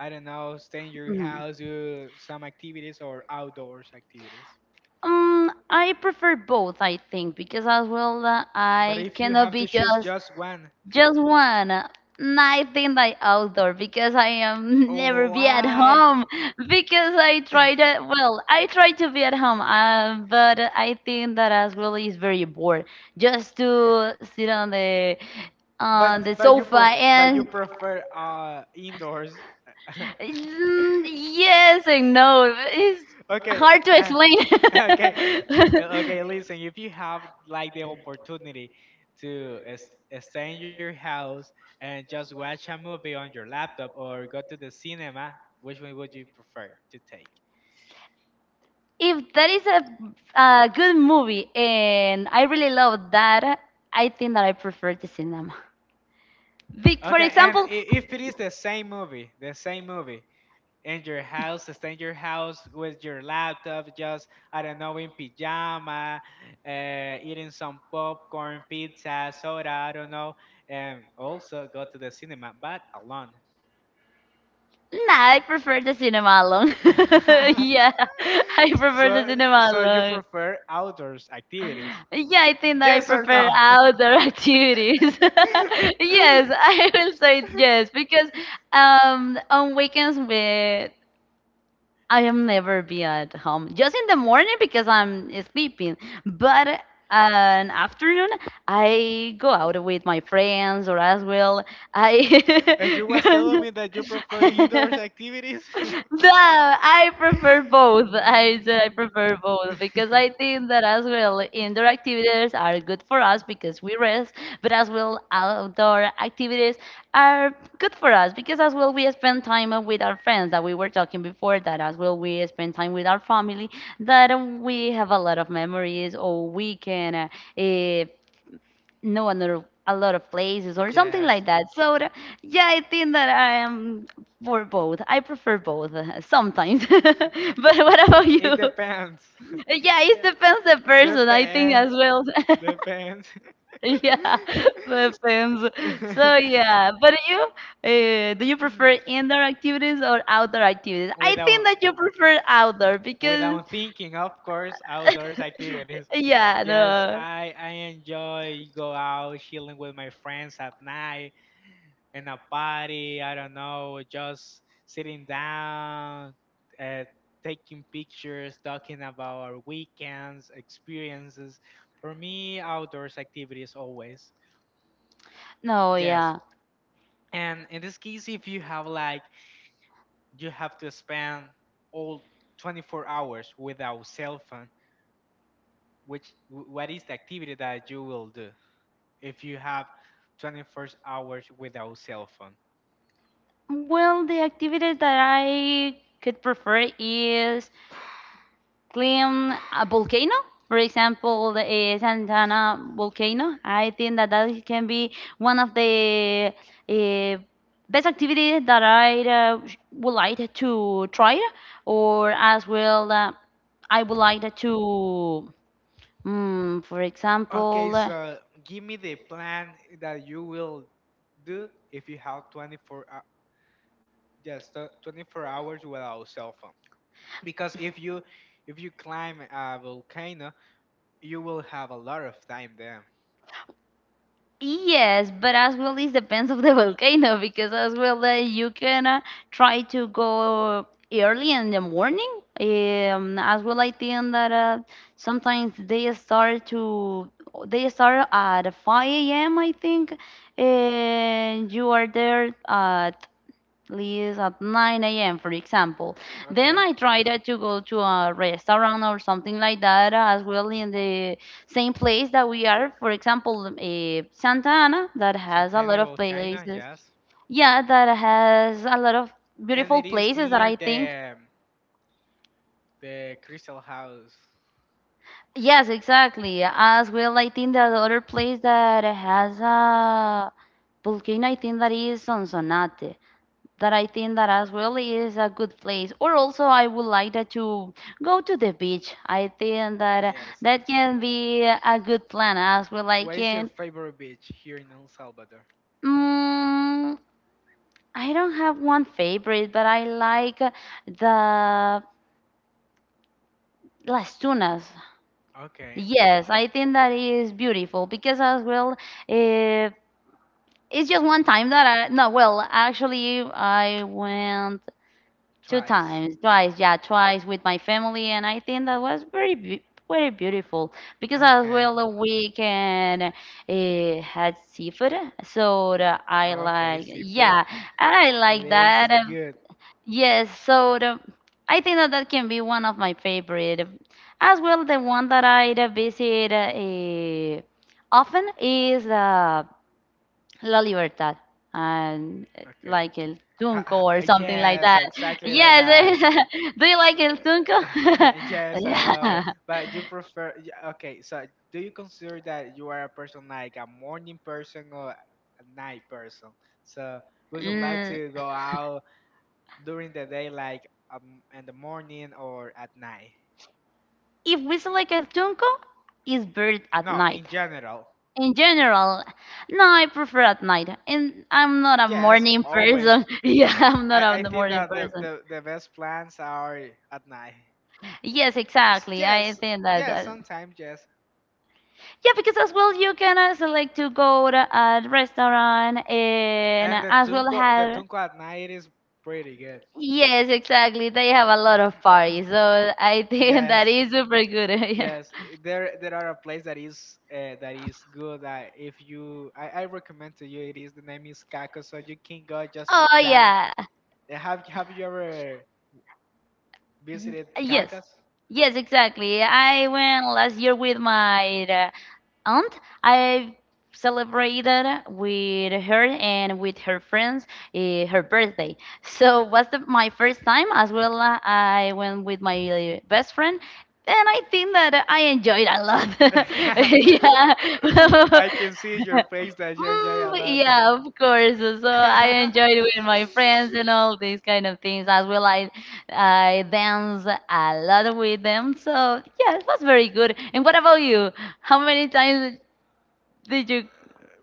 Speaker 1: I don't know, stay in your
Speaker 2: Mhm.
Speaker 1: house, do some activities or outdoors activities.
Speaker 2: Um, I prefer both, I think, because as well uh,
Speaker 1: But
Speaker 2: I
Speaker 1: if you
Speaker 2: cannot
Speaker 1: have
Speaker 2: be
Speaker 1: to choose
Speaker 2: just
Speaker 1: just one,
Speaker 2: just one. And I think like outdoor because I am never
Speaker 1: oh
Speaker 2: be at
Speaker 1: why?
Speaker 2: home because I try to well I try to be at home uh, but I think that as well is very bored just to sit on the on the
Speaker 1: But but you
Speaker 2: sofa
Speaker 1: pref but you
Speaker 2: and
Speaker 1: prefer uh indoors.
Speaker 2: Mm, yes and no it's
Speaker 1: Okay.
Speaker 2: hard to
Speaker 1: uh,
Speaker 2: explain
Speaker 1: okay. Uh, Okay, listen, if you have like the opportunity to s- uh, stay in your house and just watch a movie on your laptop or go to the cinema, which one would you prefer to take?
Speaker 2: If that is a, a good movie and I really love that, I think that I prefer the cinema. Be- For
Speaker 1: Okay, and i-
Speaker 2: example,
Speaker 1: if it is the same movie, the same movie, in your house, stay in your house with your laptop, just I don't know, in pajama, uh, eating some popcorn, pizza, soda, I don't know, and also go to the cinema, but alone.
Speaker 2: nah, I prefer the cinema alone. Yeah, I prefer the
Speaker 1: so,
Speaker 2: cinema
Speaker 1: so you
Speaker 2: alone.
Speaker 1: prefer outdoors activities?
Speaker 2: Yeah, I think that I
Speaker 1: Yes or
Speaker 2: prefer
Speaker 1: no?
Speaker 2: outdoor activities. Yes, I will say yes because um, on weekends with I am never be at home. Just in the morning because I'm sleeping. But uh, an afternoon, I go out with my friends or as well. I
Speaker 1: And you was telling me that you prefer indoors activities?
Speaker 2: No, I prefer both. I said I
Speaker 1: Mm.
Speaker 2: prefer both because I think that as well indoor activities are good for us because we rest, but as well outdoor activities are good for us because as well we spend time with our friends that we were talking before that as well we spend time with our family that we have a lot of memories or we can uh, know another a lot of places or something
Speaker 1: Yes.
Speaker 2: like that. So th- yeah, I think that I am for both. I prefer both uh, sometimes. But what about
Speaker 1: It
Speaker 2: you?
Speaker 1: depends.
Speaker 2: Yeah, it
Speaker 1: Dep-
Speaker 2: depends the person. I think
Speaker 1: depends.
Speaker 2: as well.
Speaker 1: Depends.
Speaker 2: Yeah, depends. So yeah, but you uh, do you prefer indoor activities or outdoor activities? I think
Speaker 1: without
Speaker 2: that you prefer outdoor because
Speaker 1: without thinking, of course, outdoors activities.
Speaker 2: yeah,
Speaker 1: Yes,
Speaker 2: no,
Speaker 1: I I enjoy go out chilling with my friends at night. In a party, I don't know, just sitting down, uh, taking pictures, talking about our weekends, experiences. For me, outdoors activities always.
Speaker 2: no,
Speaker 1: Yes.
Speaker 2: yeah.
Speaker 1: And in this case, if you have like, you have to spend all twenty-four hours without cell phone, which, wh- what is the activity that you will do if you have twenty-four hours without cell phone?
Speaker 2: Well, the activities that I could prefer is clean a volcano. For example, the eh, Santa volcano. I think that that can be one of the uh, best activities that I uh, would like to try, or as well, uh, I would like to, mm, for
Speaker 1: Okay,
Speaker 2: example. uh,
Speaker 1: so give me the plan that you will do if you have twenty-four hou- just uh, twenty-four hours without cell phone. Because if you if you climb a volcano, you will have a lot of time there.
Speaker 2: Yes, but as well it depends of the volcano because as well uh, you can uh, try to go early in the morning. Um, as well, I think that uh, sometimes they start to they start at five a m. I think, and you are there at least at nine a m, for example. Then
Speaker 1: Okay.
Speaker 2: I tried uh, to go to a restaurant or something like that uh, as well in the same place that we are. For example, uh, Santa Ana, that has a lot
Speaker 1: Santana
Speaker 2: of
Speaker 1: volcano,
Speaker 2: places.
Speaker 1: yes.
Speaker 2: Yeah, that has a lot of
Speaker 1: And
Speaker 2: beautiful
Speaker 1: it is
Speaker 2: places that
Speaker 1: near
Speaker 2: I think.
Speaker 1: the the crystal house.
Speaker 2: Yes, exactly. As well, I think that the other place that has a volcano, I think that is Sonsonate. That I think that as well is a good place. Or also, I would like that to go to the beach. I think
Speaker 1: Ah,
Speaker 2: that
Speaker 1: yes.
Speaker 2: that can be a good plan as well. I
Speaker 1: What is your
Speaker 2: can.
Speaker 1: favorite beach here in El Salvador?
Speaker 2: Mm, I don't have one favorite, but I like the Las Tunas.
Speaker 1: Okay,
Speaker 2: Yes, I think that is beautiful because as well, uh, it's just one time that I no, well, actually I went two
Speaker 1: twice.
Speaker 2: times, twice, yeah, twice with my family, and I think that was very beau- very beautiful because as
Speaker 1: Okay.
Speaker 2: well the weekend it had seafood, so the, I
Speaker 1: Okay,
Speaker 2: like
Speaker 1: seafood.
Speaker 2: yeah, and I
Speaker 1: It
Speaker 2: like
Speaker 1: is
Speaker 2: that. Um,
Speaker 1: good.
Speaker 2: Yes, so the, I think that that can be one of my favorite. As well, the one that I uh, visit uh, eh, often is uh, La Libertad and uh,
Speaker 1: Okay.
Speaker 2: like El
Speaker 1: Ha-
Speaker 2: Tunco
Speaker 1: ha-
Speaker 2: or something like
Speaker 1: Yes,
Speaker 2: that.
Speaker 1: exactly like
Speaker 2: Yes,
Speaker 1: that.
Speaker 2: do you like El Tunco?
Speaker 1: S- yes, I love
Speaker 2: Yeah.
Speaker 1: it. But you prefer, y- okay, so do you consider that you are a person like a morning person or a night person? So would you like
Speaker 2: Mm,
Speaker 1: to go out during the day, like um, in the morning or at night?
Speaker 2: if we select El Tunco, it's bird at
Speaker 1: No,
Speaker 2: night.
Speaker 1: in general.
Speaker 2: In general, no, I prefer at night. And I'm not a
Speaker 1: Yes,
Speaker 2: morning
Speaker 1: always.
Speaker 2: person. Yeah, I'm not
Speaker 1: I, I
Speaker 2: a
Speaker 1: think
Speaker 2: morning
Speaker 1: that the,
Speaker 2: person.
Speaker 1: the, the best plans are at night.
Speaker 2: Yes,
Speaker 1: S-
Speaker 2: exactly. I
Speaker 1: Yes,
Speaker 2: think that.
Speaker 1: yes,
Speaker 2: Uh,
Speaker 1: sometimes yes.
Speaker 2: Yeah, because as well you can uh, select to go to a restaurant and
Speaker 1: And the
Speaker 2: as well
Speaker 1: tunco the
Speaker 2: have.
Speaker 1: tunco at night is pretty good.
Speaker 2: Yes, exactly. They have a lot of parties, so I think
Speaker 1: Yes.
Speaker 2: that is super good. Yeah.
Speaker 1: Yes, i- there there are a place that is uh, that is good. Uh, if you, I, I recommend to you. It is The name is Cacos, so you can go just
Speaker 2: Oh
Speaker 1: that.
Speaker 2: yeah.
Speaker 1: Eh, Have Have you ever visited
Speaker 2: Yes.
Speaker 1: Cacos?
Speaker 2: Yes, exactly. I went last year with my uh, aunt. I celebrated with her and with her friends, uh, her birthday. So was the, my first time as well. uh, I went with my uh, best friend. And I think that I enjoyed a lot.
Speaker 1: I can see
Speaker 2: Yeah.
Speaker 1: your face that you enjoy a
Speaker 2: Mm,
Speaker 1: lot.
Speaker 2: yeah, of course. So I enjoyed with my friends and all these kind of things as well. I I dance a lot with them. So yeah, it was very good. And what about you? How many times did you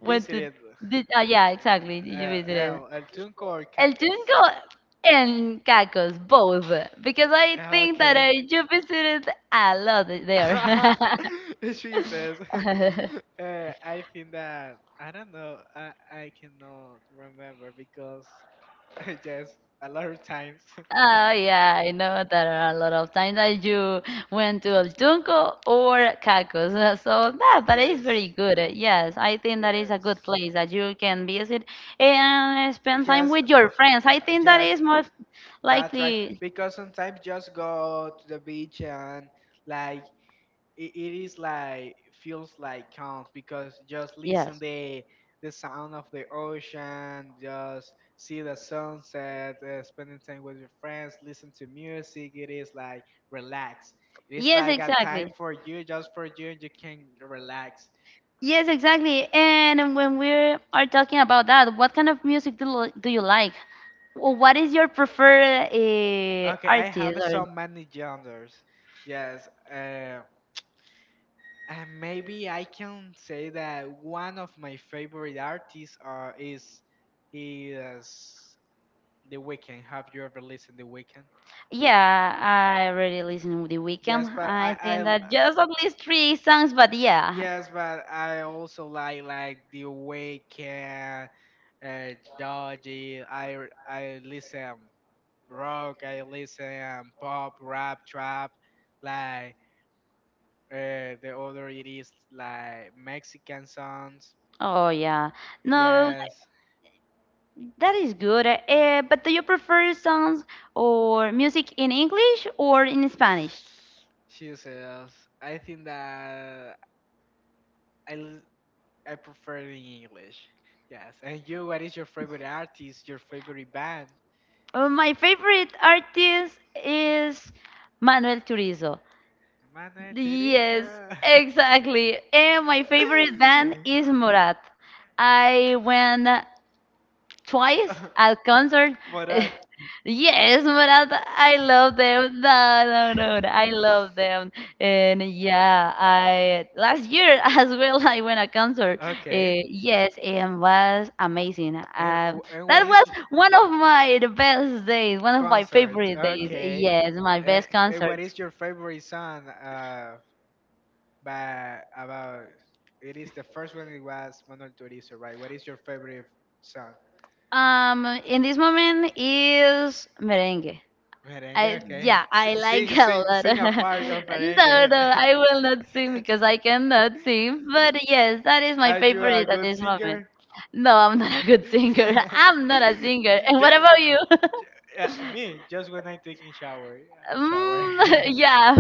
Speaker 2: went to? Did, uh, yeah, exactly.
Speaker 1: uh,
Speaker 2: Did you
Speaker 1: El
Speaker 2: visit
Speaker 1: El El Tunco or
Speaker 2: El
Speaker 1: Cacos?
Speaker 2: Junco and Cacos both? Because I
Speaker 1: Ah,
Speaker 2: think that
Speaker 1: okay.
Speaker 2: I you visited a lot there.
Speaker 1: She says, uh, I think that I don't know. I I cannot remember because just a lot of times.
Speaker 2: Oh yeah, I know that are a lot of times that you went to El Tunco or Cacos. Uh, So that that is
Speaker 1: Yes,
Speaker 2: very good. Uh, Yes, I think that is a
Speaker 1: yes,
Speaker 2: good place that you can visit and spend time
Speaker 1: yes.
Speaker 2: with your
Speaker 1: For
Speaker 2: friends. I think that
Speaker 1: Yes,
Speaker 2: is most
Speaker 1: that's right.
Speaker 2: likely.
Speaker 1: Because sometimes just go to the beach, and like it, it is like feels like calm because just listen
Speaker 2: Yes.
Speaker 1: the the sound of the ocean, just see the sunset, uh, spending time with your friends, listen to music. It is like relax. It is
Speaker 2: Yes,
Speaker 1: like a time
Speaker 2: exactly.
Speaker 1: for you, just for you, and you can relax.
Speaker 2: Yes, exactly. And when we are talking about that, what kind of music do, li- do you like? Or what is your preferred uh,
Speaker 1: Okay, I
Speaker 2: artist?
Speaker 1: have
Speaker 2: Or
Speaker 1: so many genders. Yes, uh, and maybe I can say that one of my favorite artists uh, is is The Weekend. Have you ever listened The Weekend?
Speaker 2: yeah, I already listen to The
Speaker 1: Yes,
Speaker 2: Weeknd.
Speaker 1: but I,
Speaker 2: I think
Speaker 1: I,
Speaker 2: that just at least three songs, but yeah.
Speaker 1: yes, but I also like like The Weekend, uh, Georgie. I r- I listen rock. I listen pop, rap, trap, like uh, the other it is like Mexican songs.
Speaker 2: Oh yeah. No,
Speaker 1: Yes.
Speaker 2: that is good. Uh, but do you prefer songs or music in English or in Spanish?
Speaker 1: Jesus, I think that I, I prefer it in English. Yes. And you, what is your favorite artist, your favorite band?
Speaker 2: Uh, my favorite artist is Manuel Turizo.
Speaker 1: Manuel
Speaker 2: Yes,
Speaker 1: Teresa.
Speaker 2: exactly. And my favorite band is Morat. I went twice at concert.
Speaker 1: Morat.
Speaker 2: Yes, Murat, I love them. No, no, no, no, I love them. And yeah, I last year as well I went a concert.
Speaker 1: Okay.
Speaker 2: Uh, yes, and was amazing.
Speaker 1: And,
Speaker 2: Um,
Speaker 1: wh- and what
Speaker 2: that
Speaker 1: is
Speaker 2: was one of my best days, one of my
Speaker 1: concert?
Speaker 2: favorite days.
Speaker 1: Okay.
Speaker 2: Yes, my
Speaker 1: And,
Speaker 2: best
Speaker 1: and what
Speaker 2: concert.
Speaker 1: is your favorite song? Uh, by about it is the first one. It was Manuel Turizo, right? What is your favorite song?
Speaker 2: Um, in this moment is merengue.
Speaker 1: Merengue,
Speaker 2: I
Speaker 1: okay.
Speaker 2: Yeah,
Speaker 1: S-
Speaker 2: I like
Speaker 1: sing,
Speaker 2: a
Speaker 1: sing, sing a
Speaker 2: lot.
Speaker 1: part of
Speaker 2: No,
Speaker 1: merengue.
Speaker 2: no, I will not sing because I cannot sing. But yes, that is my
Speaker 1: Are you a
Speaker 2: favorite at
Speaker 1: good
Speaker 2: this moment.
Speaker 1: singer?
Speaker 2: No, I'm not a good singer. I'm
Speaker 1: Ju-
Speaker 2: not a singer.
Speaker 1: ju-
Speaker 2: And
Speaker 1: ju-
Speaker 2: what about you?
Speaker 1: yeah, me, just when I taking shower, uh, shower,
Speaker 2: Mm. Yeah.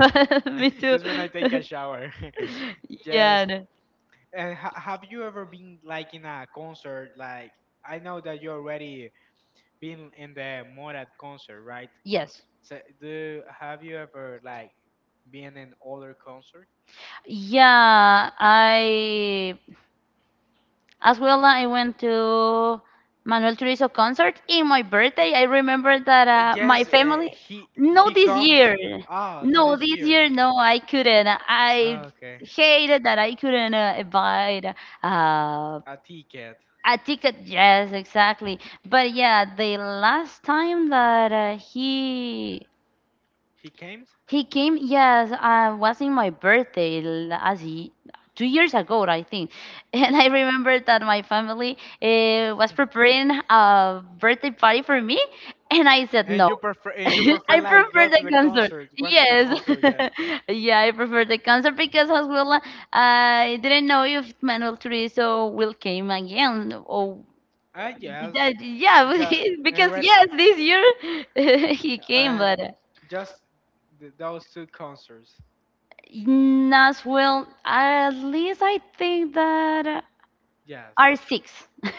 Speaker 2: Me too.
Speaker 1: just when I take a shower, just.
Speaker 2: Yeah. No.
Speaker 1: And ha- have you ever been like in a concert? Like I know that you already been in the Morad concert, right?
Speaker 2: Yes.
Speaker 1: So do have you ever like been in other concert?
Speaker 2: Yeah, I as well, I went to Manuel Turizo concert in my birthday. I remember that
Speaker 1: Uh,
Speaker 2: uh, my
Speaker 1: Yes, uh,
Speaker 2: family.
Speaker 1: he
Speaker 2: No,
Speaker 1: he
Speaker 2: this
Speaker 1: comes.
Speaker 2: year.
Speaker 1: Ah, not
Speaker 2: No,
Speaker 1: this
Speaker 2: this
Speaker 1: year.
Speaker 2: year. No, I couldn't. I
Speaker 1: Okay,
Speaker 2: hated that I couldn't uh, buy uh,
Speaker 1: a ticket.
Speaker 2: a ticket. Yes, exactly. But yeah, the last time that uh, he
Speaker 1: He came,
Speaker 2: he came, yes, uh, was in my birthday last ye- two years ago, I think. And I remember that my family uh, was preparing a birthday party for me, and I said
Speaker 1: and you
Speaker 2: no.
Speaker 1: prefer and you prefer
Speaker 2: I
Speaker 1: like
Speaker 2: prefer
Speaker 1: go to
Speaker 2: the
Speaker 1: the
Speaker 2: concert.
Speaker 1: concert. Went to the
Speaker 2: Yes.
Speaker 1: concert, yes.
Speaker 2: Yeah, I prefer the concert because as well, uh, I didn't know if Manuel Turizo will came again or
Speaker 1: Ah, yes,
Speaker 2: that, yeah,
Speaker 1: just, and
Speaker 2: because
Speaker 1: what,
Speaker 2: yes, this year he came,
Speaker 1: and
Speaker 2: but
Speaker 1: just th- those two concerts.
Speaker 2: Nas, well, at least I think that
Speaker 1: Yes.
Speaker 2: are six.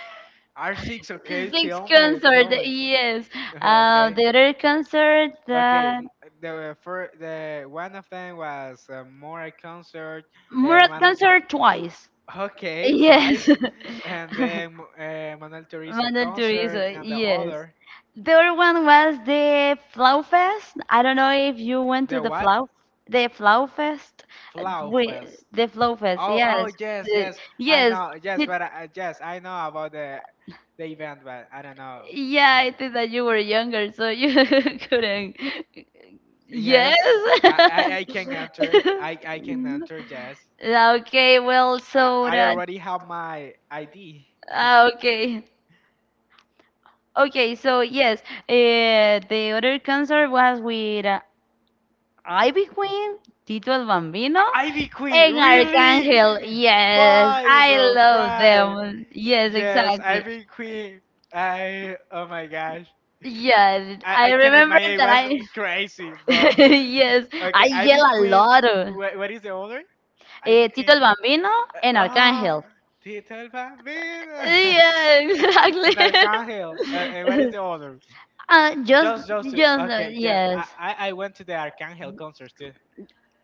Speaker 1: R six. Okay,
Speaker 2: Six
Speaker 1: tell me, tell
Speaker 2: concert,
Speaker 1: me.
Speaker 2: yes. Uh,
Speaker 1: Okay.
Speaker 2: the other concert,
Speaker 1: Okay,
Speaker 2: that
Speaker 1: m- the first, the one of them was uh, more a concert. Uh,
Speaker 2: Murat
Speaker 1: Manu-
Speaker 2: concert twice.
Speaker 1: okay,
Speaker 2: Yes.
Speaker 1: twice, and then uh, Manuel Turizo
Speaker 2: Mandatory,
Speaker 1: concert,
Speaker 2: so
Speaker 1: and the
Speaker 2: yes.
Speaker 1: other,
Speaker 2: The other one was the Flow Fest. I don't know if you went to
Speaker 1: the
Speaker 2: the
Speaker 1: what?
Speaker 2: Flow, the Flow Fest. Uh,
Speaker 1: Flow
Speaker 2: We,
Speaker 1: Fest.
Speaker 2: the Flow Fest,
Speaker 1: Oh, oh
Speaker 2: yes.
Speaker 1: yes,
Speaker 2: The-
Speaker 1: yes, I
Speaker 2: yes.
Speaker 1: know, yes, but I, I- yes, I know about the the event, but I don't know.
Speaker 2: Yeah, I think that you were younger, so you couldn't. Yes.
Speaker 1: Yes, I, I, I can enter. I, I can enter, yes.
Speaker 2: Okay, well,
Speaker 1: I,
Speaker 2: so
Speaker 1: I
Speaker 2: that,
Speaker 1: already have my I D.
Speaker 2: ah, okay, okay, so yes, uh, the other concert was with uh, Ivy Queen, Tito el Bambino,
Speaker 1: Ivy Queen,
Speaker 2: and
Speaker 1: really?
Speaker 2: Arcángel. Yes,
Speaker 1: Five,
Speaker 2: I
Speaker 1: bro,
Speaker 2: love
Speaker 1: five.
Speaker 2: them. Yes,
Speaker 1: Yes,
Speaker 2: exactly.
Speaker 1: Ivy Queen. I, oh my gosh.
Speaker 2: Yes,
Speaker 1: I,
Speaker 2: I
Speaker 1: I can
Speaker 2: remember
Speaker 1: imagine it
Speaker 2: that
Speaker 1: was
Speaker 2: I.
Speaker 1: crazy, bro.
Speaker 2: Yes, I
Speaker 1: Okay,
Speaker 2: yell
Speaker 1: Ivy
Speaker 2: a
Speaker 1: Queen.
Speaker 2: lot. Uh,
Speaker 1: What, what is the order? Ivy
Speaker 2: Tito
Speaker 1: Queen.
Speaker 2: el Bambino and
Speaker 1: Oh,
Speaker 2: Arcángel.
Speaker 1: Tito el Bambino.
Speaker 2: Yeah, exactly.
Speaker 1: And Arcángel. Uh, and what is the order?
Speaker 2: Uh, just,
Speaker 1: Just, just
Speaker 2: just, uh,
Speaker 1: okay. Yes,
Speaker 2: yes.
Speaker 1: I, I, I went to the Archangel concert too.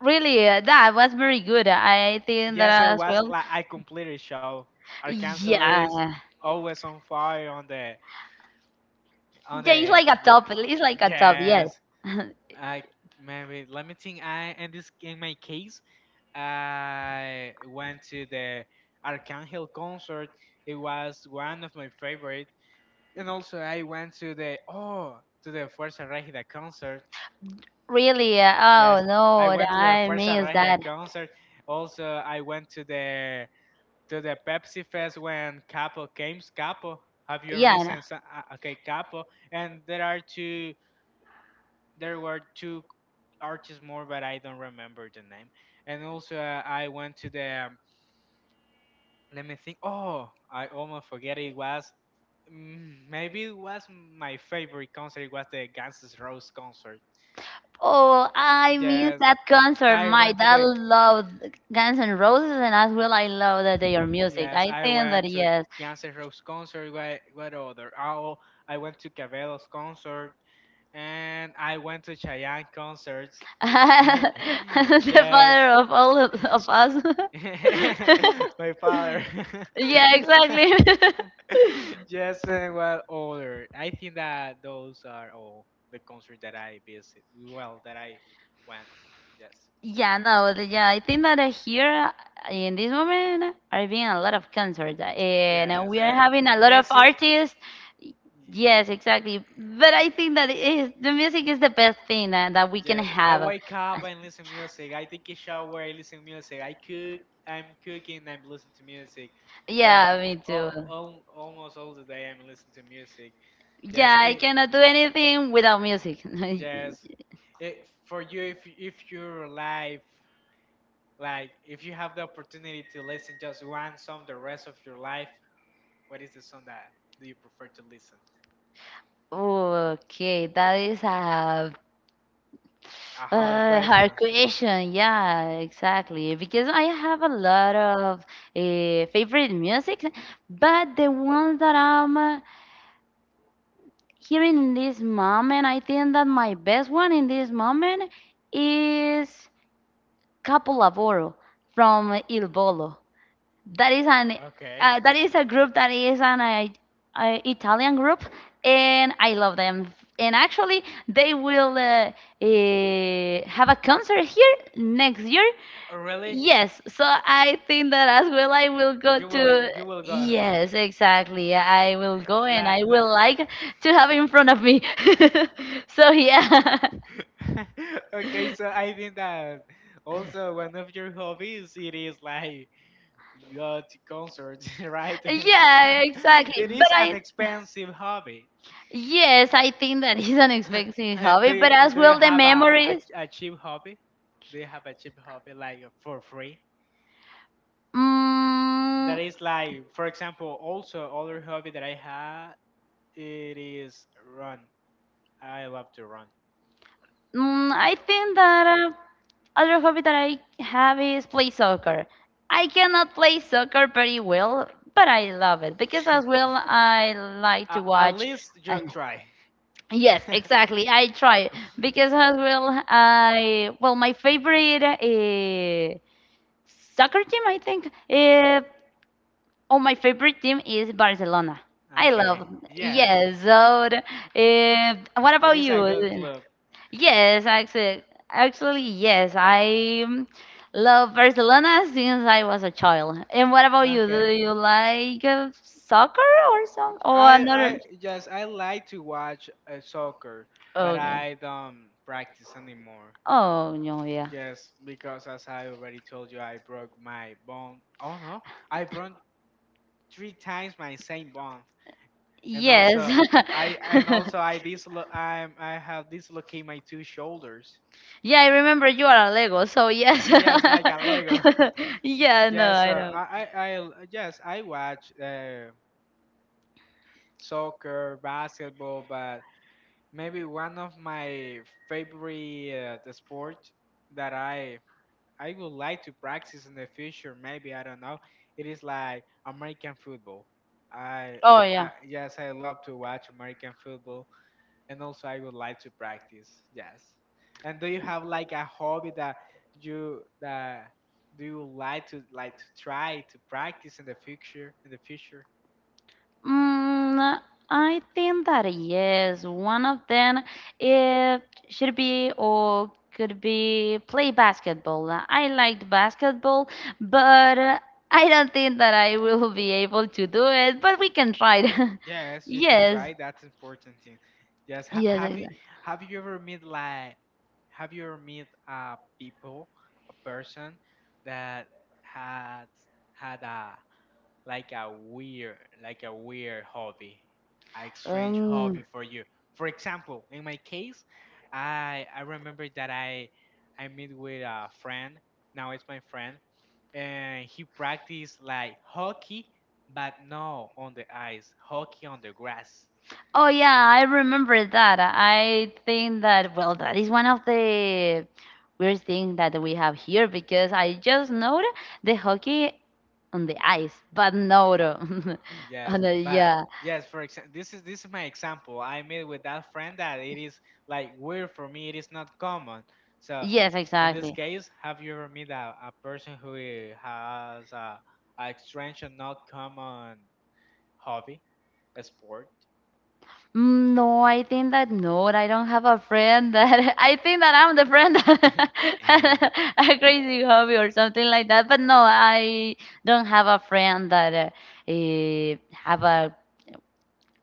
Speaker 2: Really, uh, that was very good. I think that
Speaker 1: Yes, it
Speaker 2: as
Speaker 1: was
Speaker 2: well.
Speaker 1: like I completely show. Archangel is
Speaker 2: Yeah.
Speaker 1: always on fire on the on
Speaker 2: Yeah, it's
Speaker 1: the
Speaker 2: like a
Speaker 1: ye-
Speaker 2: top. It's
Speaker 1: uh,
Speaker 2: like a top,
Speaker 1: yes.
Speaker 2: yes.
Speaker 1: I Maybe let me think. I in this In my case, I went to the Archangel concert. It was one of my favorite, and also I went to the oh to the Fuerza Regida concert.
Speaker 2: Really, uh,
Speaker 1: Yes,
Speaker 2: oh
Speaker 1: I
Speaker 2: no,
Speaker 1: went to the
Speaker 2: I
Speaker 1: Fuerza
Speaker 2: miss
Speaker 1: Regia
Speaker 2: that.
Speaker 1: concert. Also, I went to the to the Pepsi Fest when Capo came. Capo, have you ever
Speaker 2: Yeah, no.
Speaker 1: listened? so- uh, uh, Okay, Capo, and there are two. There were two artists more, but I don't remember the name. And also, uh, I went to the. um, Let me think. Oh, I almost forget. It was mm, maybe it was my favorite concert. It was the Guns N' Roses concert.
Speaker 2: Oh, I miss
Speaker 1: Yes,
Speaker 2: that concert.
Speaker 1: I
Speaker 2: My
Speaker 1: went to
Speaker 2: dad
Speaker 1: the.
Speaker 2: loved Guns N' Roses, and as well, I love that their music.
Speaker 1: Yes,
Speaker 2: I
Speaker 1: I
Speaker 2: think that
Speaker 1: went to the
Speaker 2: yes,
Speaker 1: Guns N' Roses concert. What, what other? Oh, I went to Cabello's concert and I went to Cheyenne concerts.
Speaker 2: the
Speaker 1: Yes,
Speaker 2: father of all of, of us.
Speaker 1: my father.
Speaker 2: Yeah, exactly.
Speaker 1: Yes, and what other? I think that those are all the concerts that I visit. Well, that I went. Yes,
Speaker 2: Yeah, no, the- yeah, I think that uh, here uh, in this moment are being a lot of concerts, uh, and uh,
Speaker 1: yes,
Speaker 2: we are
Speaker 1: and
Speaker 2: having a lot of
Speaker 1: music.
Speaker 2: artists. Y-
Speaker 1: y-
Speaker 2: Yes,
Speaker 1: y-
Speaker 2: exactly. But I think that it is, the music is the best thing uh, that we can
Speaker 1: Yes, I
Speaker 2: have.
Speaker 1: wake up and listen music. I take a shower, I listen music. I cook, I'm cooking, I'm listening to music. Oh,
Speaker 2: Yeah, me too.
Speaker 1: all, all, almost all the day I'm listening to music. Yes,
Speaker 2: Yeah, I
Speaker 1: it,
Speaker 2: cannot do anything without music.
Speaker 1: yes. It, for you, if if your life, like if you have the opportunity to listen just one song the rest of your life, what is the song that do you prefer to listen?
Speaker 2: Okay, that is a
Speaker 1: A hard
Speaker 2: Uh,
Speaker 1: question.
Speaker 2: hard question. Yeah, exactly. Because I have a lot of uh, favorite music, but the ones that I'm uh, hearing in this moment, I think that my best one in this moment is Capolavoro from Il Volo. That is an
Speaker 1: Okay.
Speaker 2: uh, that is a group that is an uh, uh, Italian group, and I love them. And actually, they will uh, uh, have a concert here next year.
Speaker 1: Oh, really?
Speaker 2: Yes, so I think that as well I will go
Speaker 1: You will
Speaker 2: to.
Speaker 1: you will go. Eh,
Speaker 2: Yes, exactly. I will go and I
Speaker 1: Like like
Speaker 2: will like to have in front of me. So yeah,
Speaker 1: okay, so I think that also one of your hobbies it is like go to concerts, right?
Speaker 2: yeah, exactly.
Speaker 1: It
Speaker 2: But
Speaker 1: is an
Speaker 2: I.
Speaker 1: expensive hobby.
Speaker 2: Yes, I think that is an expensive
Speaker 1: And do
Speaker 2: hobby, but
Speaker 1: you,
Speaker 2: as
Speaker 1: do you
Speaker 2: well the
Speaker 1: have a,
Speaker 2: memories.
Speaker 1: a a cheap hobby? Do you have a cheap hobby like for free?
Speaker 2: Mm,
Speaker 1: That is like, for example, also other hobby that I have it is run. I love to run.
Speaker 2: Mm, I think that uh, other hobby that I have is play soccer. I cannot play soccer pretty well, but I love it because as well I like to
Speaker 1: A- At
Speaker 2: watch
Speaker 1: least you
Speaker 2: and
Speaker 1: try.
Speaker 2: yes, exactly. I try because as well I well my favorite uh, soccer team, I think. Uh, oh, my favorite team is Barcelona. I
Speaker 1: Okay.
Speaker 2: love.
Speaker 1: Yes.
Speaker 2: Yes. So, uh, what
Speaker 1: It
Speaker 2: about
Speaker 1: is a
Speaker 2: you?
Speaker 1: good club.
Speaker 2: Yes, actually, actually, yes. I um, love Barcelona since I was a child. And what about you? Do
Speaker 1: Okay.
Speaker 2: you like uh, soccer or some or
Speaker 1: I
Speaker 2: another?
Speaker 1: I Yes, I like to watch uh, soccer, but
Speaker 2: Okay.
Speaker 1: I don't practice anymore.
Speaker 2: Oh no, yeah.
Speaker 1: Yes, because as I already told you, I broke my bone. Oh no, I broke three times my same bone, and
Speaker 2: Yes.
Speaker 1: also I and also I dislo- I I have dislocated my two shoulders.
Speaker 2: Yeah, I remember you are a Lego, so yes.
Speaker 1: Mhm, yes, like a Lego.
Speaker 2: Yeah, no,
Speaker 1: Yes,
Speaker 2: I
Speaker 1: uh,
Speaker 2: know.
Speaker 1: I, I, I, yes, I watch uh, soccer, basketball, but maybe one of my favorite uh, sport that I I would like to practice in the future. Maybe I don't know. It is like American football. I,
Speaker 2: Oh yeah.
Speaker 1: I Yes, I love to watch American football, and also I would like to practice. Yes. And do you have like a hobby that you that do you like to like to try to practice in the future? In the future?
Speaker 2: Mm, I think that yes, one of them it should be or could be play basketball. Uh, I liked basketball, but uh, I don't think that I will be able to do it, but we can try it.
Speaker 1: Yes, you can
Speaker 2: Yes.
Speaker 1: try. That's important thing. Yes, ha
Speaker 2: Yes,
Speaker 1: have you
Speaker 2: exactly.
Speaker 1: have you ever met like have you ever met uh people a person that had had a like a weird like a weird hobby, a strange hobby
Speaker 2: Um,
Speaker 1: for you? For example, in my case, I I remember that I I meet with a friend. Now it's my friend and he practiced like hockey, but no on the ice, hockey on the grass.
Speaker 2: Oh yeah, I remember that. I think that well, that is one of the weird things that we have here because I just know the hockey on the ice, but no,
Speaker 1: Uh, Yes,
Speaker 2: on the,
Speaker 1: but
Speaker 2: yeah,
Speaker 1: yes, for example, this is this is my example. I made with that friend that it is like weird for me. It is not common. So
Speaker 2: yes,
Speaker 1: in this
Speaker 2: exactly.
Speaker 1: case, have you ever met a, a person who eh, has a, a strange and not common hobby, a sport?
Speaker 2: Mm, no, I think that no, I don't have a friend that I think that I'm the friend that had a crazy hobby or something like that. But no, I don't have a friend that uh, eh, have a,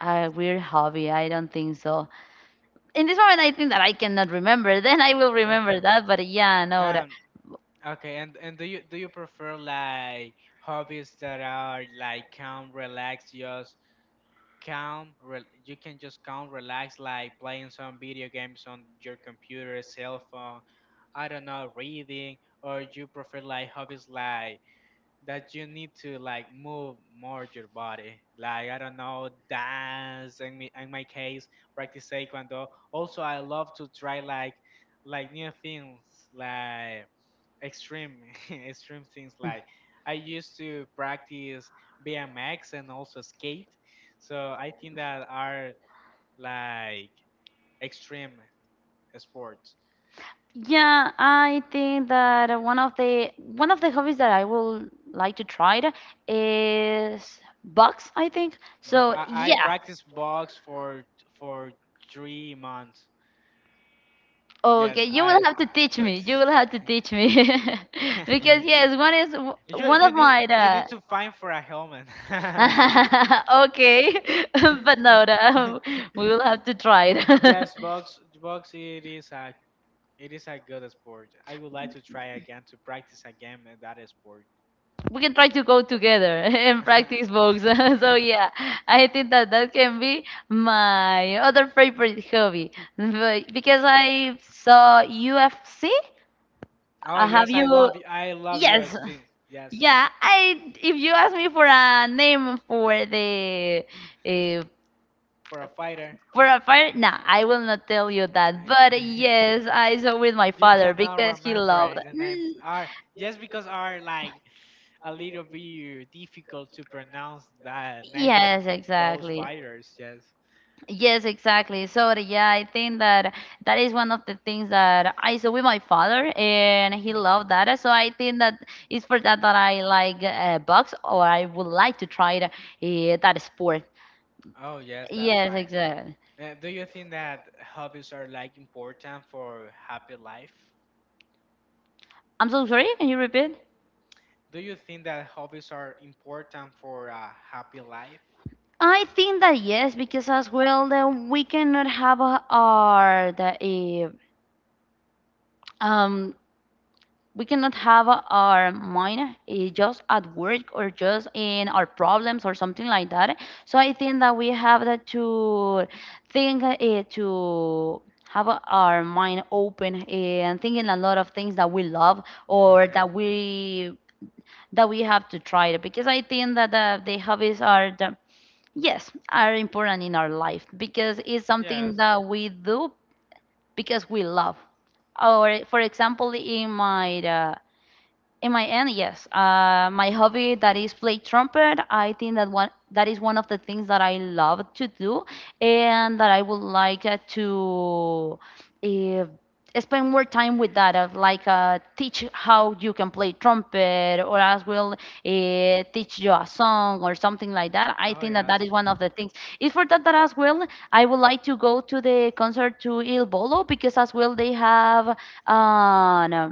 Speaker 2: a weird hobby. I don't think so. In this moment, I think that I cannot remember. Then I will
Speaker 1: Okay.
Speaker 2: remember that. But yeah, no,
Speaker 1: Um. Okay, and and do you do you prefer like hobbies that are like calm, relax, just calm? Re You can just calm, relax, like playing some video games on your computer, cell phone. I don't know, reading, or you prefer like hobbies like that you need to like move more your body, like I don't know, dance. In me, in my case, practice taekwondo. Also, I love to try like like new things, like extreme extreme things, like I used to practice B M X and also skate, so I think that are like extreme sports,
Speaker 2: yeah, I think that one of the one of the hobbies that I will like to try it is bugs, I think.
Speaker 1: but
Speaker 2: So
Speaker 1: i, I
Speaker 2: yeah.
Speaker 1: practice box for for three months. Yes,
Speaker 2: Okay, you
Speaker 1: i
Speaker 2: will have to
Speaker 1: i
Speaker 2: teach me.
Speaker 1: practice.
Speaker 2: You will have to teach me. Because yes, one is
Speaker 1: you
Speaker 2: one
Speaker 1: you
Speaker 2: of
Speaker 1: need
Speaker 2: my
Speaker 1: you need to find for a helmet.
Speaker 2: uh, okay, but no, no, we will have to try it.
Speaker 1: Yes, box box, it is a It is a good sport. I would like to try again to practice again in that sport.
Speaker 2: We can try to go together and practice books. So yeah, I think that that can be my other favorite hobby But- because I saw U F C.
Speaker 1: Oh
Speaker 2: Uh, have
Speaker 1: yes,
Speaker 2: you?
Speaker 1: I love y- I love
Speaker 2: Yes.
Speaker 1: U F C. Yes,
Speaker 2: Yeah, I. If you ask me for a name for the uh,
Speaker 1: for a fighter,
Speaker 2: for a fire, nah, I will not tell you that.
Speaker 1: I,
Speaker 2: But yes, I saw with my
Speaker 1: you
Speaker 2: father
Speaker 1: cannot
Speaker 2: because he
Speaker 1: remember
Speaker 2: loved.
Speaker 1: it, the names
Speaker 2: Mm,
Speaker 1: are just because are like a little bit difficult to pronounce the names of
Speaker 2: yes,
Speaker 1: those
Speaker 2: exactly.
Speaker 1: fighters. Yes.
Speaker 2: Yes, exactly. So yeah, I think that that is one of the things that I saw with my father, and he loved that. So I think that it's for that that I like uh, box, or I would like to try the, uh, that sport.
Speaker 1: Oh yes, that's
Speaker 2: Yes,
Speaker 1: right.
Speaker 2: exactly.
Speaker 1: Uh, do you think that hobbies are like important for happy life?
Speaker 2: I'm so sorry, can you repeat?
Speaker 1: Do you think that hobbies are important for a happy life?
Speaker 2: I think that yes, because as well then we cannot have uh, our the eh, um we cannot have uh, our mind, eh, just at work or just in our problems or something like that. So I think that we have that to think uh, to have uh, our mind open, eh, and thinking a lot of things that we love or
Speaker 1: Okay.
Speaker 2: that we that we have to try it because I think that uh, the hobbies are the yes, are important in our life because it's something
Speaker 1: Yes.
Speaker 2: that we do because we love or for example in my uh, in my end, yes. Uh, my hobby that is play trumpet. I think that one that is one of the things that I love to do, and that I would like uh, to uh, spend more time with that. Of like uh, teach how you can play trumpet, or as well uh, teach you a song or something like that. I
Speaker 1: Oh
Speaker 2: think that that is
Speaker 1: yes.
Speaker 2: one of the things. It's for that that as well. I would like to go to the concert to Il Bolo because as well they have uh,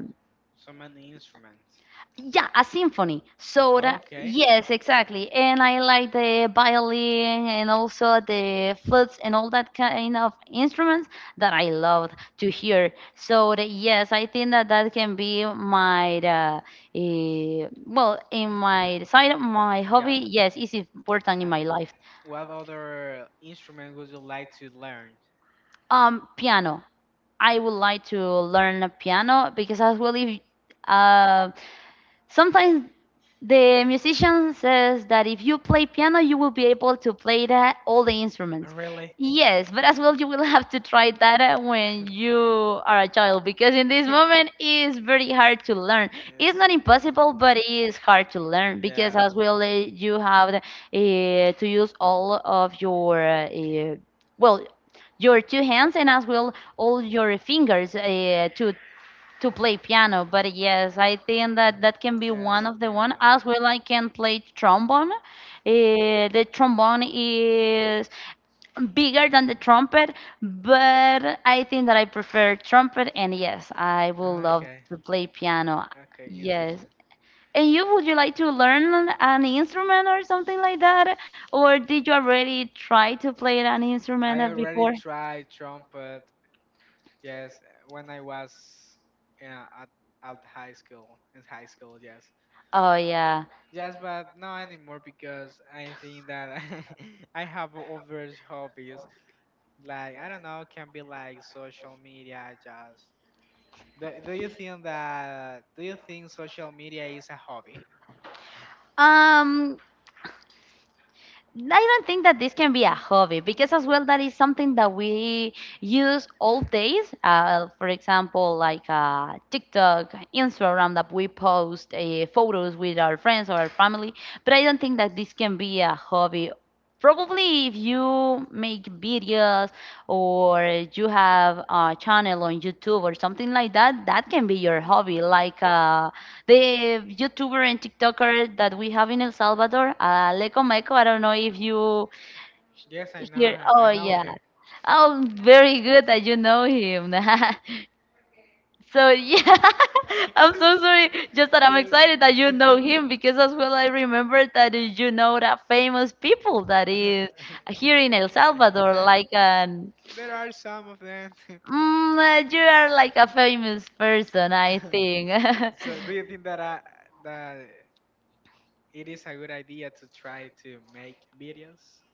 Speaker 1: So many instruments.
Speaker 2: yeah, a symphony. So that,
Speaker 1: Okay.
Speaker 2: yes, exactly. And I like the violin and also the flutes and all that kind of instruments that I love to hear. So that, yes, I think that that can be my, uh, eh, well, in my side of my hobby,
Speaker 1: Yes.
Speaker 2: yes, it's important in
Speaker 1: Uh,
Speaker 2: my life.
Speaker 1: what other instrument would you like to learn?
Speaker 2: Um, piano. I would like to learn piano because as well, if uh, sometimes the musician says that if you play piano, you will be able to play the, all the instruments.
Speaker 1: Really?
Speaker 2: Yes, but as well, you will have to try that uh, when you are a child because in this moment it's very hard to learn. It's
Speaker 1: It's
Speaker 2: not
Speaker 1: uh,
Speaker 2: impossible,
Speaker 1: difficult.
Speaker 2: but it is hard to learn because
Speaker 1: Yes.
Speaker 2: as well uh, you have the, uh, to use all of your uh, uh, well your two hands and as well all your fingers uh, to to play piano. But yes, I think that that can be
Speaker 1: Yes,
Speaker 2: one of the one.
Speaker 1: piano.
Speaker 2: As well, I can play trombone. Eh, the trombone is bigger than the trumpet, but I think that I prefer trumpet. And yes, I will love
Speaker 1: Okay.
Speaker 2: to play piano.
Speaker 1: Okay,
Speaker 2: Yes.
Speaker 1: interesting.
Speaker 2: And you would you like to learn an instrument or something like that? Or did you already try to play an instrument
Speaker 1: I already
Speaker 2: before?
Speaker 1: tried trumpet. Yes, uh, when I was uh, at at high school, in high school, yes,
Speaker 2: Oh yeah.
Speaker 1: yes, but not anymore because I think that I have other hobbies. Like I don't know, can be like social media. Just do, do you think that do you think social media is a hobby?
Speaker 2: um I don't think that this can be a hobby because as well that is something that we use all days. Uh, for example, like uh, TikTok, Instagram, that we post uh, photos with our friends or our family. But I don't think that this can be a hobby. Probably if you make videos or you have a channel on YouTube or something like that, that can be your hobby, like uh, the YouTuber and TikToker that we have in El Salvador, uh, Leco Meco. I don't know if you
Speaker 1: Yes, I
Speaker 2: hear.
Speaker 1: know,
Speaker 2: Oh,
Speaker 1: I know
Speaker 2: yeah.
Speaker 1: him.
Speaker 2: Oh, very good that you know him. So yeah, I'm so sorry. Just that I'm
Speaker 1: Yes.
Speaker 2: excited that you know him because as well I remember that you know that famous people that is here in El Salvador,
Speaker 1: Eh,
Speaker 2: like an
Speaker 1: there are some of them.
Speaker 2: mm, uh, you are like a famous person, I think.
Speaker 1: So, do you think that I, that it is a good idea to try to make videos?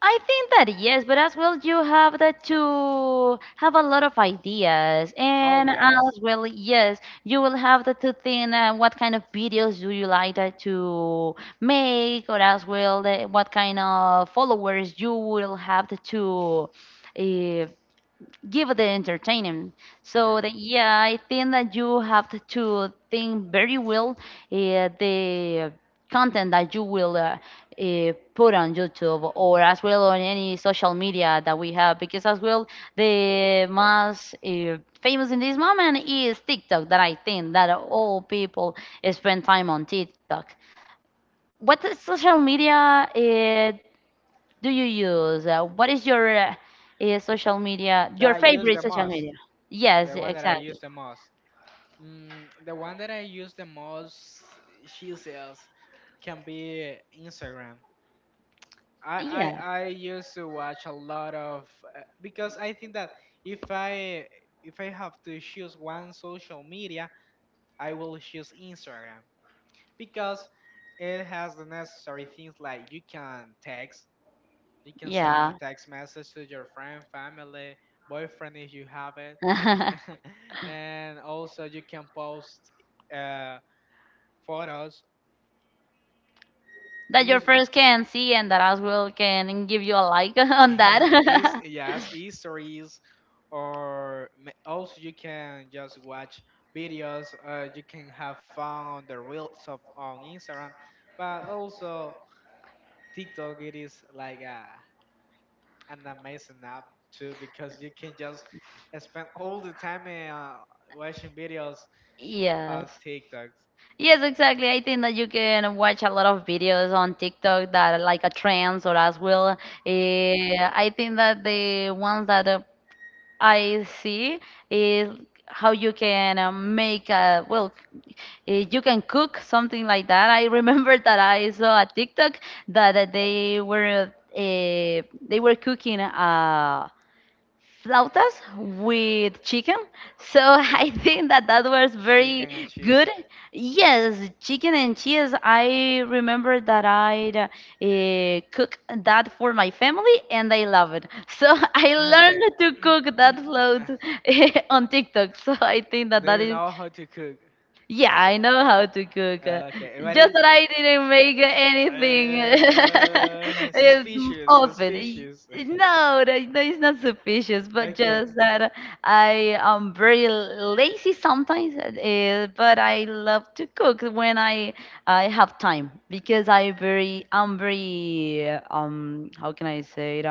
Speaker 2: I think that, yes, but as well you have that to have a lot of ideas,
Speaker 1: Oh
Speaker 2: and
Speaker 1: yes,
Speaker 2: as well, yes, you will have that to think, uh, what kind of videos do you like that to make, or as well the, what kind of followers you will have that to uh, give the entertainment. So that,
Speaker 1: yes.
Speaker 2: yeah, I think that you have t- to think very well, uh, the content that you will uh, uh, put on YouTube or as well on any social media that we have because as well the most uh, famous in this moment is TikTok, that I think that all people spend time on TikTok. What is social media? Uh, do you use? Uh, what is your uh, uh, social media,
Speaker 1: That
Speaker 2: your
Speaker 1: I use
Speaker 2: favorite
Speaker 1: the
Speaker 2: social
Speaker 1: most.
Speaker 2: media? Yes,
Speaker 1: The one that I use
Speaker 2: exactly.
Speaker 1: the most. Mm, the one that I use the most, she says, can be Instagram. I I I used to watch a lot of, uh, because I think that if I if I have to choose one social media, I will choose Instagram because it has the necessary things, like you can text, you can
Speaker 2: Yeah.
Speaker 1: send
Speaker 2: Yeah.
Speaker 1: text message to your friend, family, boyfriend if you have it, and also you can post uh photos.
Speaker 2: That your
Speaker 1: Use
Speaker 2: friends can see and that as well can give you a like on
Speaker 1: is
Speaker 2: that.
Speaker 1: yes histories or ma- also you can just watch videos. Uh, you can have fun on the reels of on Instagram, but also TikTok, it is like a, an amazing app too because you can just spend all the time uh, watching videos on
Speaker 2: Yes.
Speaker 1: TikToks.
Speaker 2: Yes, exactly. I think that you can watch a lot of videos on TikTok that are like a trends, or as well. Uh, I think that the ones that uh, I see is how you can uh, make a well eh, you can cook something like that. I remember that I saw a TikTok that uh, they were uh, they were cooking uh, flautas with chicken. So I think that that was very
Speaker 1: Chicken and cheese.
Speaker 2: good. Yes, chicken and cheese. I remember that I uh, cook that for my family and they love it. So I learned
Speaker 1: Okay.
Speaker 2: to cook that
Speaker 1: Uh,
Speaker 2: float on TikTok. So I think that
Speaker 1: Do
Speaker 2: that
Speaker 1: you
Speaker 2: is,
Speaker 1: know how to cook?
Speaker 2: yeah, I know how to cook. uh,
Speaker 1: Okay, what
Speaker 2: Just
Speaker 1: is
Speaker 2: that I didn't make anything
Speaker 1: uh,
Speaker 2: um,
Speaker 1: suspicious,
Speaker 2: often. Y-
Speaker 1: suspicious.
Speaker 2: No, that, that is not suspicious, but
Speaker 1: Okay,
Speaker 2: just that I am very lazy sometimes, uh, but I love to cook when I I have time because I very I'm very uh, um how can I say it?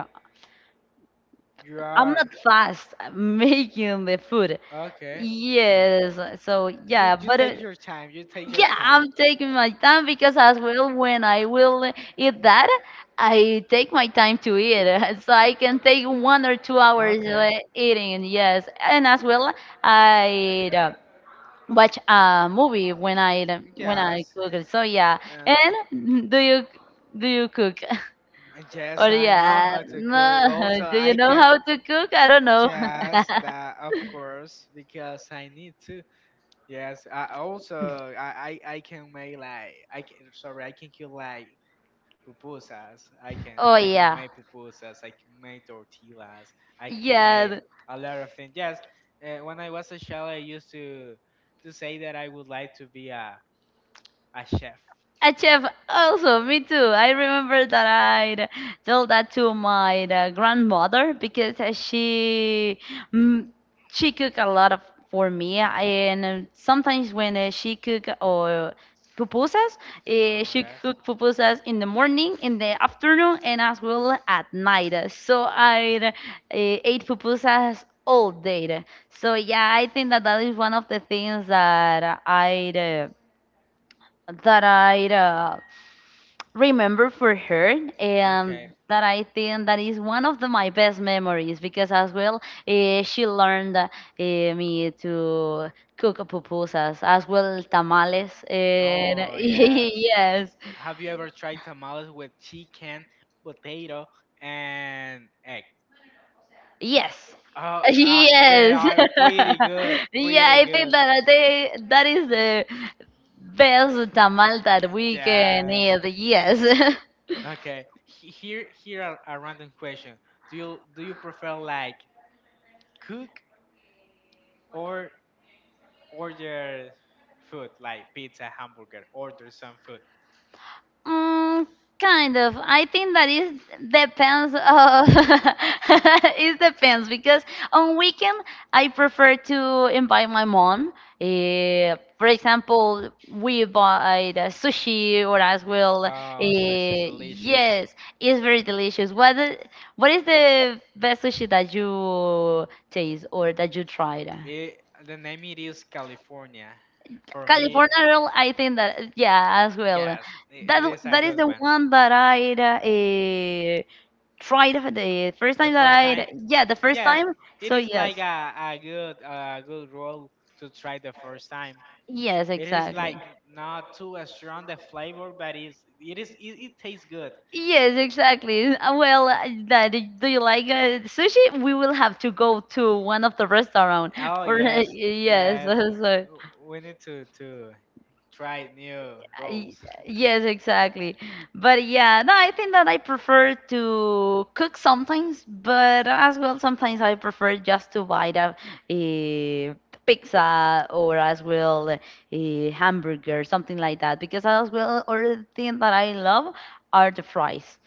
Speaker 1: you
Speaker 2: I'm
Speaker 1: are
Speaker 2: not fast at making the food.
Speaker 1: okay.
Speaker 2: Yes, so
Speaker 1: You
Speaker 2: yeah,
Speaker 1: you
Speaker 2: but uh,
Speaker 1: take your time. You take your
Speaker 2: yeah,
Speaker 1: time.
Speaker 2: I'm taking my time because as well when I will eat that, I take my time to eat, so I can take one or two hours uh,
Speaker 1: Okay.
Speaker 2: eating. Yes, and as well I uh, watch a movie when I when I
Speaker 1: Yes.
Speaker 2: cook. So yeah,
Speaker 1: And
Speaker 2: and do you do you cook?
Speaker 1: yes,
Speaker 2: Or
Speaker 1: I know
Speaker 2: yeah,
Speaker 1: how to cook.
Speaker 2: no,
Speaker 1: Also,
Speaker 2: do
Speaker 1: I
Speaker 2: you know
Speaker 1: can.
Speaker 2: how to cook? I don't know.
Speaker 1: Yes, that of course, because I need to. Yes, I also I I, I can make, like, I can, sorry, I can kill like pupusas. I can
Speaker 2: Oh
Speaker 1: I can
Speaker 2: yeah,
Speaker 1: make pupusas. I can make tortillas. I can make
Speaker 2: yeah.
Speaker 1: a lot of things. Yes, uh, when I was a child, I used to to say that I would like to be a a chef.
Speaker 2: A chef also, me too. I remember that I told that to my uh, grandmother because uh, she mm, she cook a lot of for
Speaker 1: Mm,
Speaker 2: me, and uh, sometimes when uh, she cook or pupusas, uh,
Speaker 1: Oh
Speaker 2: she
Speaker 1: yes.
Speaker 2: cook pupusas in the morning, in the afternoon, and as well at night. So I uh, ate pupusas all day. So yeah, I think that that is one of the things that I uh, that I uh, remember for her, and
Speaker 1: Okay.
Speaker 2: that I think that is one of the, my best memories because as well eh, she learned uh, eh, me to cook pupusas, as well tamales. And
Speaker 1: Oh, yes.
Speaker 2: yes,
Speaker 1: Have you ever tried tamales with chicken, potato, and egg?
Speaker 2: yes,
Speaker 1: Oh, uh, they
Speaker 2: yes,
Speaker 1: are pretty good,
Speaker 2: yeah,
Speaker 1: pretty
Speaker 2: I think
Speaker 1: good.
Speaker 2: that they, that is the best tamal that we can
Speaker 1: Yes.
Speaker 2: eat. Yes.
Speaker 1: Okay. he- Here, here are a random question. Do you do you prefer like cook or order food like pizza, hamburger, order some food?
Speaker 2: Mm, kind of. I think that is depends of it depends because on weekend I prefer to invite my mom. Eh, for example, we buy the sushi or as well.
Speaker 1: Oh, sushi is
Speaker 2: Eh,
Speaker 1: delicious.
Speaker 2: yes, it's very delicious. What the- what is the best sushi that you taste or that you tried?
Speaker 1: It, the name it is California. For me,
Speaker 2: California roll, I think that, yeah, as well.
Speaker 1: yes,
Speaker 2: That
Speaker 1: it, it is a
Speaker 2: that is
Speaker 1: good
Speaker 2: the
Speaker 1: one.
Speaker 2: one that I uh, tried the first
Speaker 1: The
Speaker 2: time that
Speaker 1: first time,
Speaker 2: I yeah the first
Speaker 1: yes,
Speaker 2: time.
Speaker 1: it
Speaker 2: So
Speaker 1: is
Speaker 2: yes,
Speaker 1: like a, a good a good roll to try the first time.
Speaker 2: yes,
Speaker 1: It is
Speaker 2: exactly.
Speaker 1: like not too strong the flavor, but it's, it is it, it tastes good.
Speaker 2: Yes, exactly. Uh, Well, uh, that do you like uh, sushi? We will have to go to one of the restaurant.
Speaker 1: Oh
Speaker 2: For,
Speaker 1: yes,
Speaker 2: yes,
Speaker 1: yes.
Speaker 2: so.
Speaker 1: w- We need to to try new
Speaker 2: Y-
Speaker 1: rolls.
Speaker 2: Yes, exactly. But yeah, no, I think that I prefer to cook sometimes, but as well sometimes I prefer just to buy the eh, pizza, or as well a hamburger, something like that, because as well other thing that I love are the fries.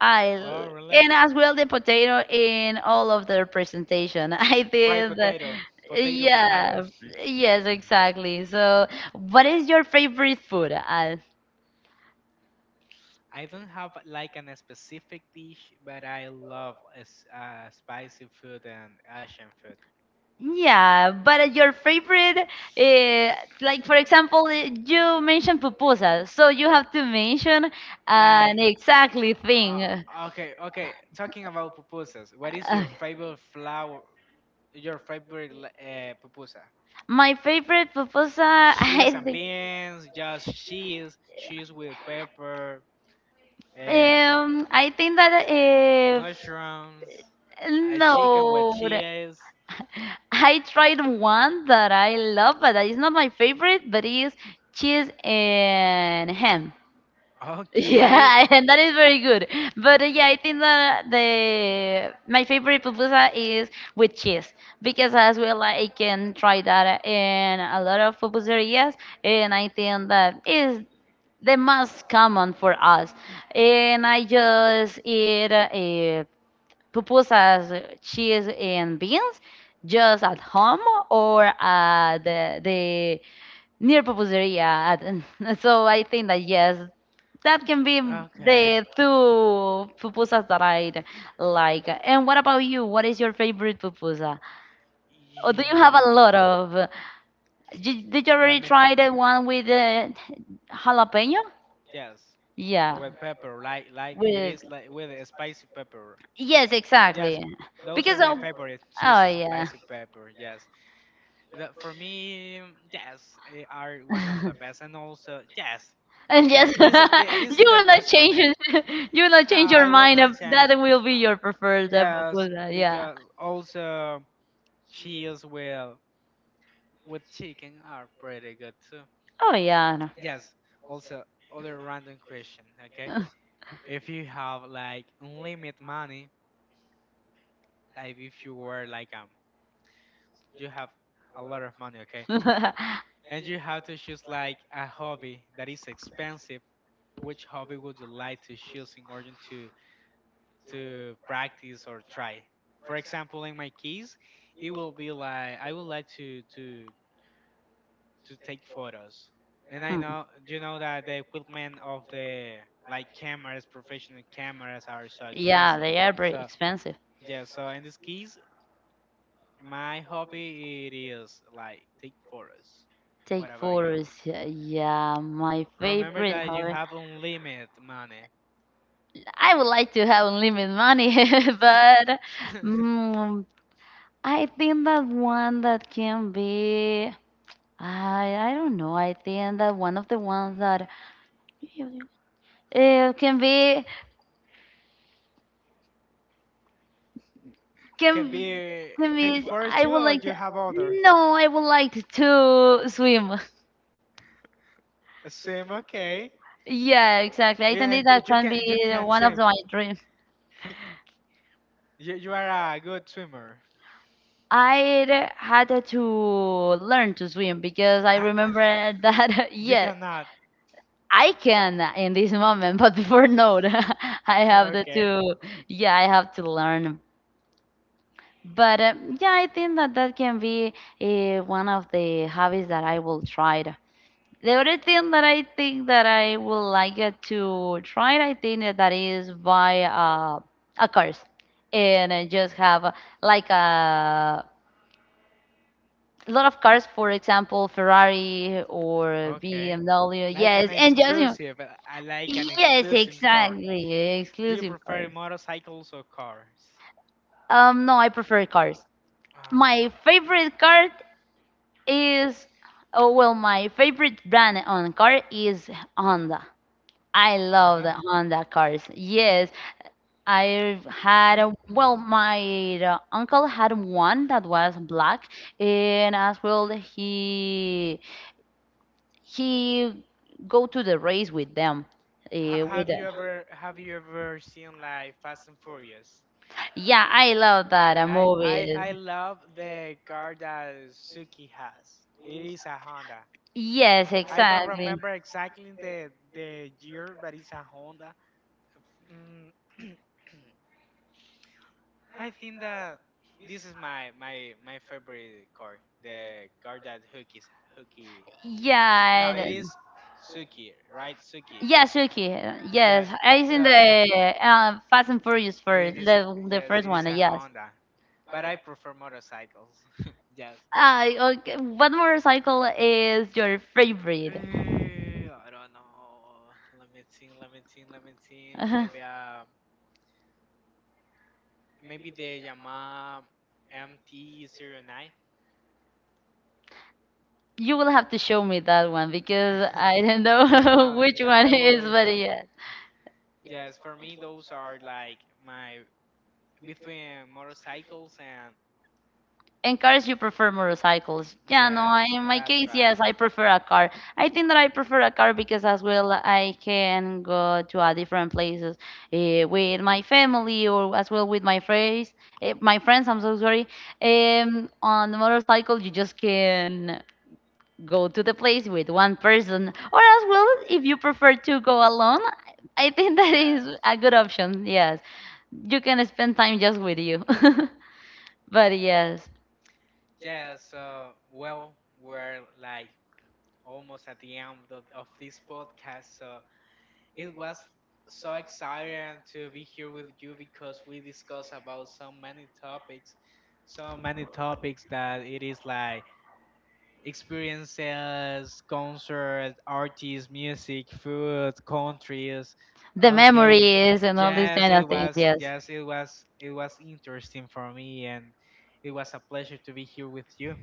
Speaker 2: I l-
Speaker 1: Oh really?
Speaker 2: And as well the potato in all of their presentation. I
Speaker 1: Fried
Speaker 2: think that,
Speaker 1: potato, potato, potato.
Speaker 2: yeah, yes, exactly. So, what is your favorite food? Uh,
Speaker 1: I don't have like an specific dish, but I love s- uh, spicy food and Asian food.
Speaker 2: Yeah, but uh, your favorite, uh, like for example, uh, you mentioned pupusa, so you have to mention an
Speaker 1: Like,
Speaker 2: exactly thing.
Speaker 1: uh, okay, okay. Talking about pupusas, what is
Speaker 2: Uh,
Speaker 1: your favorite flour? Your favorite li- uh, pupusa?
Speaker 2: my favorite pupusa,
Speaker 1: Cheese
Speaker 2: I
Speaker 1: and
Speaker 2: think,
Speaker 1: beans, just cheese, cheese with pepper. Uh,
Speaker 2: um, I think that if
Speaker 1: Mushrooms, a chicken with
Speaker 2: no,
Speaker 1: cheese.
Speaker 2: I tried one that I love, but that is not my favorite, but it is cheese and ham.
Speaker 1: Okay,
Speaker 2: Yeah, and that is very good. But uh, yeah, I think that the my favorite pupusa is with cheese because as well I can try that in a lot of pupuserias, and I think that is the most common for us. And I just eat uh, pupusas, cheese, and beans just at home or at the, near pupuseria. and- So I think that, yes, that can be
Speaker 1: okay.
Speaker 2: the two pupusas that I like. And what about you? What is your favorite pupusa? Or do you have
Speaker 1: Yum.
Speaker 2: a lot of? Did, did you
Speaker 1: Let
Speaker 2: already
Speaker 1: me think.
Speaker 2: try the one with the jalapeno?
Speaker 1: Yes,
Speaker 2: Yeah,
Speaker 1: with pepper, like like it
Speaker 2: with,
Speaker 1: is like with a spicy pepper.
Speaker 2: yes,
Speaker 1: Yes,
Speaker 2: exactly.
Speaker 1: those are
Speaker 2: Because
Speaker 1: my
Speaker 2: of,
Speaker 1: favorite
Speaker 2: oh
Speaker 1: cheeses and
Speaker 2: yeah.
Speaker 1: spicy pepper. Yes, the, for me, yes, eh, are one of the best, and also yes,
Speaker 2: And
Speaker 1: yes,
Speaker 2: yes,
Speaker 1: this is thi- this
Speaker 2: you
Speaker 1: is the
Speaker 2: will not
Speaker 1: best for
Speaker 2: change
Speaker 1: me.
Speaker 2: it. You will not
Speaker 1: No,
Speaker 2: change your
Speaker 1: I will
Speaker 2: mind. Of
Speaker 1: not change.
Speaker 2: that will be
Speaker 1: Uh,
Speaker 2: your preferred type of
Speaker 1: Yes,
Speaker 2: food. uh, Yeah.
Speaker 1: because also cheese with with chicken are pretty good too.
Speaker 2: Oh yeah. No.
Speaker 1: Yes. Also, other random question. Okay, if you have like unlimited money, like if you were like, um, you have a lot of money, okay, and you have to choose like a hobby that is expensive. Which hobby would you like to choose in order to to practice or try. For example, in my case, it will be like I would like to to to take photos, and I
Speaker 2: Hmm.
Speaker 1: know you know that the equipment of the like cameras, professional cameras, are so
Speaker 2: Yeah,
Speaker 1: expensive.
Speaker 2: they are very
Speaker 1: So
Speaker 2: expensive.
Speaker 1: yeah, so in this case, my hobby it is like take photos.
Speaker 2: Take
Speaker 1: What about you?
Speaker 2: photos. Yeah, yeah, my
Speaker 1: Remember
Speaker 2: favorite
Speaker 1: that you
Speaker 2: hobby.
Speaker 1: have unlimited money.
Speaker 2: I would like to have unlimited money, but mm, I think that one that can be, I I don't know. I think that one of the ones that uh, can be
Speaker 1: Can
Speaker 2: can
Speaker 1: be
Speaker 2: can
Speaker 1: take
Speaker 2: be.
Speaker 1: four
Speaker 2: I
Speaker 1: too,
Speaker 2: would
Speaker 1: or
Speaker 2: like to.
Speaker 1: you have other?
Speaker 2: No, I would like to swim.
Speaker 1: A swim, okay.
Speaker 2: Yeah, exactly. I
Speaker 1: Yeah,
Speaker 2: think
Speaker 1: and you
Speaker 2: that
Speaker 1: you
Speaker 2: can be
Speaker 1: can you can
Speaker 2: one of
Speaker 1: swim.
Speaker 2: my dreams.
Speaker 1: You you are a good swimmer.
Speaker 2: I had to learn to swim because I
Speaker 1: Ah,
Speaker 2: remember that
Speaker 1: You
Speaker 2: yeah,
Speaker 1: cannot.
Speaker 2: I can in this moment, but before no, I have the
Speaker 1: Okay.
Speaker 2: to yeah, I have to learn. But um, yeah, I think that that can be uh, one of the hobbies that I will try. The other thing that I think that I would like it to try, I think that that is buy uh, a cars, and uh, just have uh, like a lot of cars, for example, Ferrari or
Speaker 1: Okay.
Speaker 2: B M W.
Speaker 1: Like
Speaker 2: Yes,
Speaker 1: an
Speaker 2: and just, you know,
Speaker 1: exclusive. uh, I like an
Speaker 2: yes,
Speaker 1: exclusive car.
Speaker 2: exactly,
Speaker 1: Do you
Speaker 2: exclusive cars.
Speaker 1: prefer motorcycles or cars?
Speaker 2: Um, no, I prefer cars. My
Speaker 1: Ah,
Speaker 2: favorite car is oh well my favorite brand on car is Honda. I love the
Speaker 1: Honda?
Speaker 2: Honda cars. Yes. I've had a, well my uh, uncle had one that was black, and as well he he go to the race with them, uh,
Speaker 1: Ha-
Speaker 2: with
Speaker 1: have
Speaker 2: the,
Speaker 1: you ever have you ever seen like Fast and Furious?
Speaker 2: yeah, I love that uh,
Speaker 1: I I
Speaker 2: movies.
Speaker 1: I love the car that Suki has. It is a Honda.
Speaker 2: Yes,
Speaker 1: I don't
Speaker 2: exactly.
Speaker 1: remember exactly the the year, but it's a Honda. Mm, I think that this is my my my favorite car, the car that Hookies, Hookie, no,
Speaker 2: Yeah,
Speaker 1: it
Speaker 2: and-
Speaker 1: is Suki, right? Suki.
Speaker 2: yeah, Suki. uh, Yes,
Speaker 1: Yes.
Speaker 2: I seen
Speaker 1: So
Speaker 2: the
Speaker 1: I think
Speaker 2: uh, Fast and Furious
Speaker 1: it
Speaker 2: first,
Speaker 1: is.
Speaker 2: the the
Speaker 1: Yes,
Speaker 2: first
Speaker 1: it is
Speaker 2: one. uh,
Speaker 1: a
Speaker 2: Yes.
Speaker 1: Honda, but I prefer motorcycles. Yes.
Speaker 2: Ah, okay. What motorcycle is your favorite?
Speaker 1: Eh, I don't know. Let me think. Let me think. Let me think.
Speaker 2: Uh,
Speaker 1: Maybe uh, maybe the Yamaha M T oh nine.
Speaker 2: you will have to show me that one because I don't
Speaker 1: Yeah.
Speaker 2: know
Speaker 1: No.
Speaker 2: which
Speaker 1: Yeah.
Speaker 2: one
Speaker 1: I
Speaker 2: it
Speaker 1: will,
Speaker 2: is,
Speaker 1: uh,
Speaker 2: but
Speaker 1: show.
Speaker 2: yeah.
Speaker 1: Yes, for me, those are like my between motorcycles and
Speaker 2: And cars, you prefer motorcycles. Yeah, no,
Speaker 1: Yes,
Speaker 2: I, in my
Speaker 1: that's
Speaker 2: case,
Speaker 1: right.
Speaker 2: yes, I prefer a car. I think that I prefer a car because as well I can go to a different places uh, with my family or as well with my friends. Uh, my friends, I'm so sorry. Um, on the motorcycle, you just can go to the place with one person, or as well if you prefer to go alone. I think that is
Speaker 1: Yes.
Speaker 2: a good option. Yes, you can spend time just with you. But yes,
Speaker 1: Yes. So, well, we're like almost at the end of, of this podcast. So it was so exciting to be here with you because we discussed about so many topics, so many topics, that it is like experiences, concerts, artists, music, food, countries.
Speaker 2: the
Speaker 1: Okay,
Speaker 2: memories and all these
Speaker 1: yes,
Speaker 2: kind of
Speaker 1: it
Speaker 2: things.
Speaker 1: was.
Speaker 2: Yes.
Speaker 1: Yes, it was. It was interesting for me, and it was a pleasure to be here with you.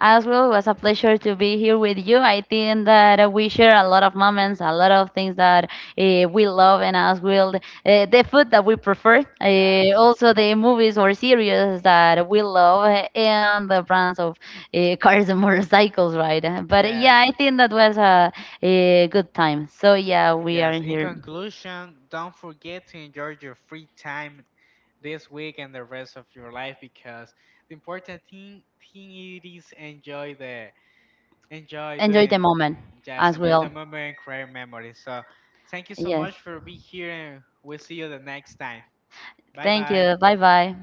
Speaker 2: As well, it was a pleasure to be here with you. I think that uh, we share a lot of moments, a lot of things that uh, we love, and as well, uh, the food that we prefer, uh,
Speaker 1: Yes,
Speaker 2: also the movies or series that we love, uh, and the brands of uh, cars and motorcycles, right? Uh, But uh,
Speaker 1: yes,
Speaker 2: yeah, I think that was a, a good time. So yeah, we
Speaker 1: yes.
Speaker 2: are
Speaker 1: In
Speaker 2: here.
Speaker 1: conclusion, don't forget to enjoy your free time this week and the rest of your life, because the important thing thing it is enjoy the enjoy
Speaker 2: Enjoy the
Speaker 1: doing,
Speaker 2: moment
Speaker 1: just
Speaker 2: as
Speaker 1: enjoy the
Speaker 2: well.
Speaker 1: moment and create memories. So thank you so
Speaker 2: Yes.
Speaker 1: much for being here, and we'll see you the next time. Bye
Speaker 2: Thank
Speaker 1: bye.
Speaker 2: you. Bye bye.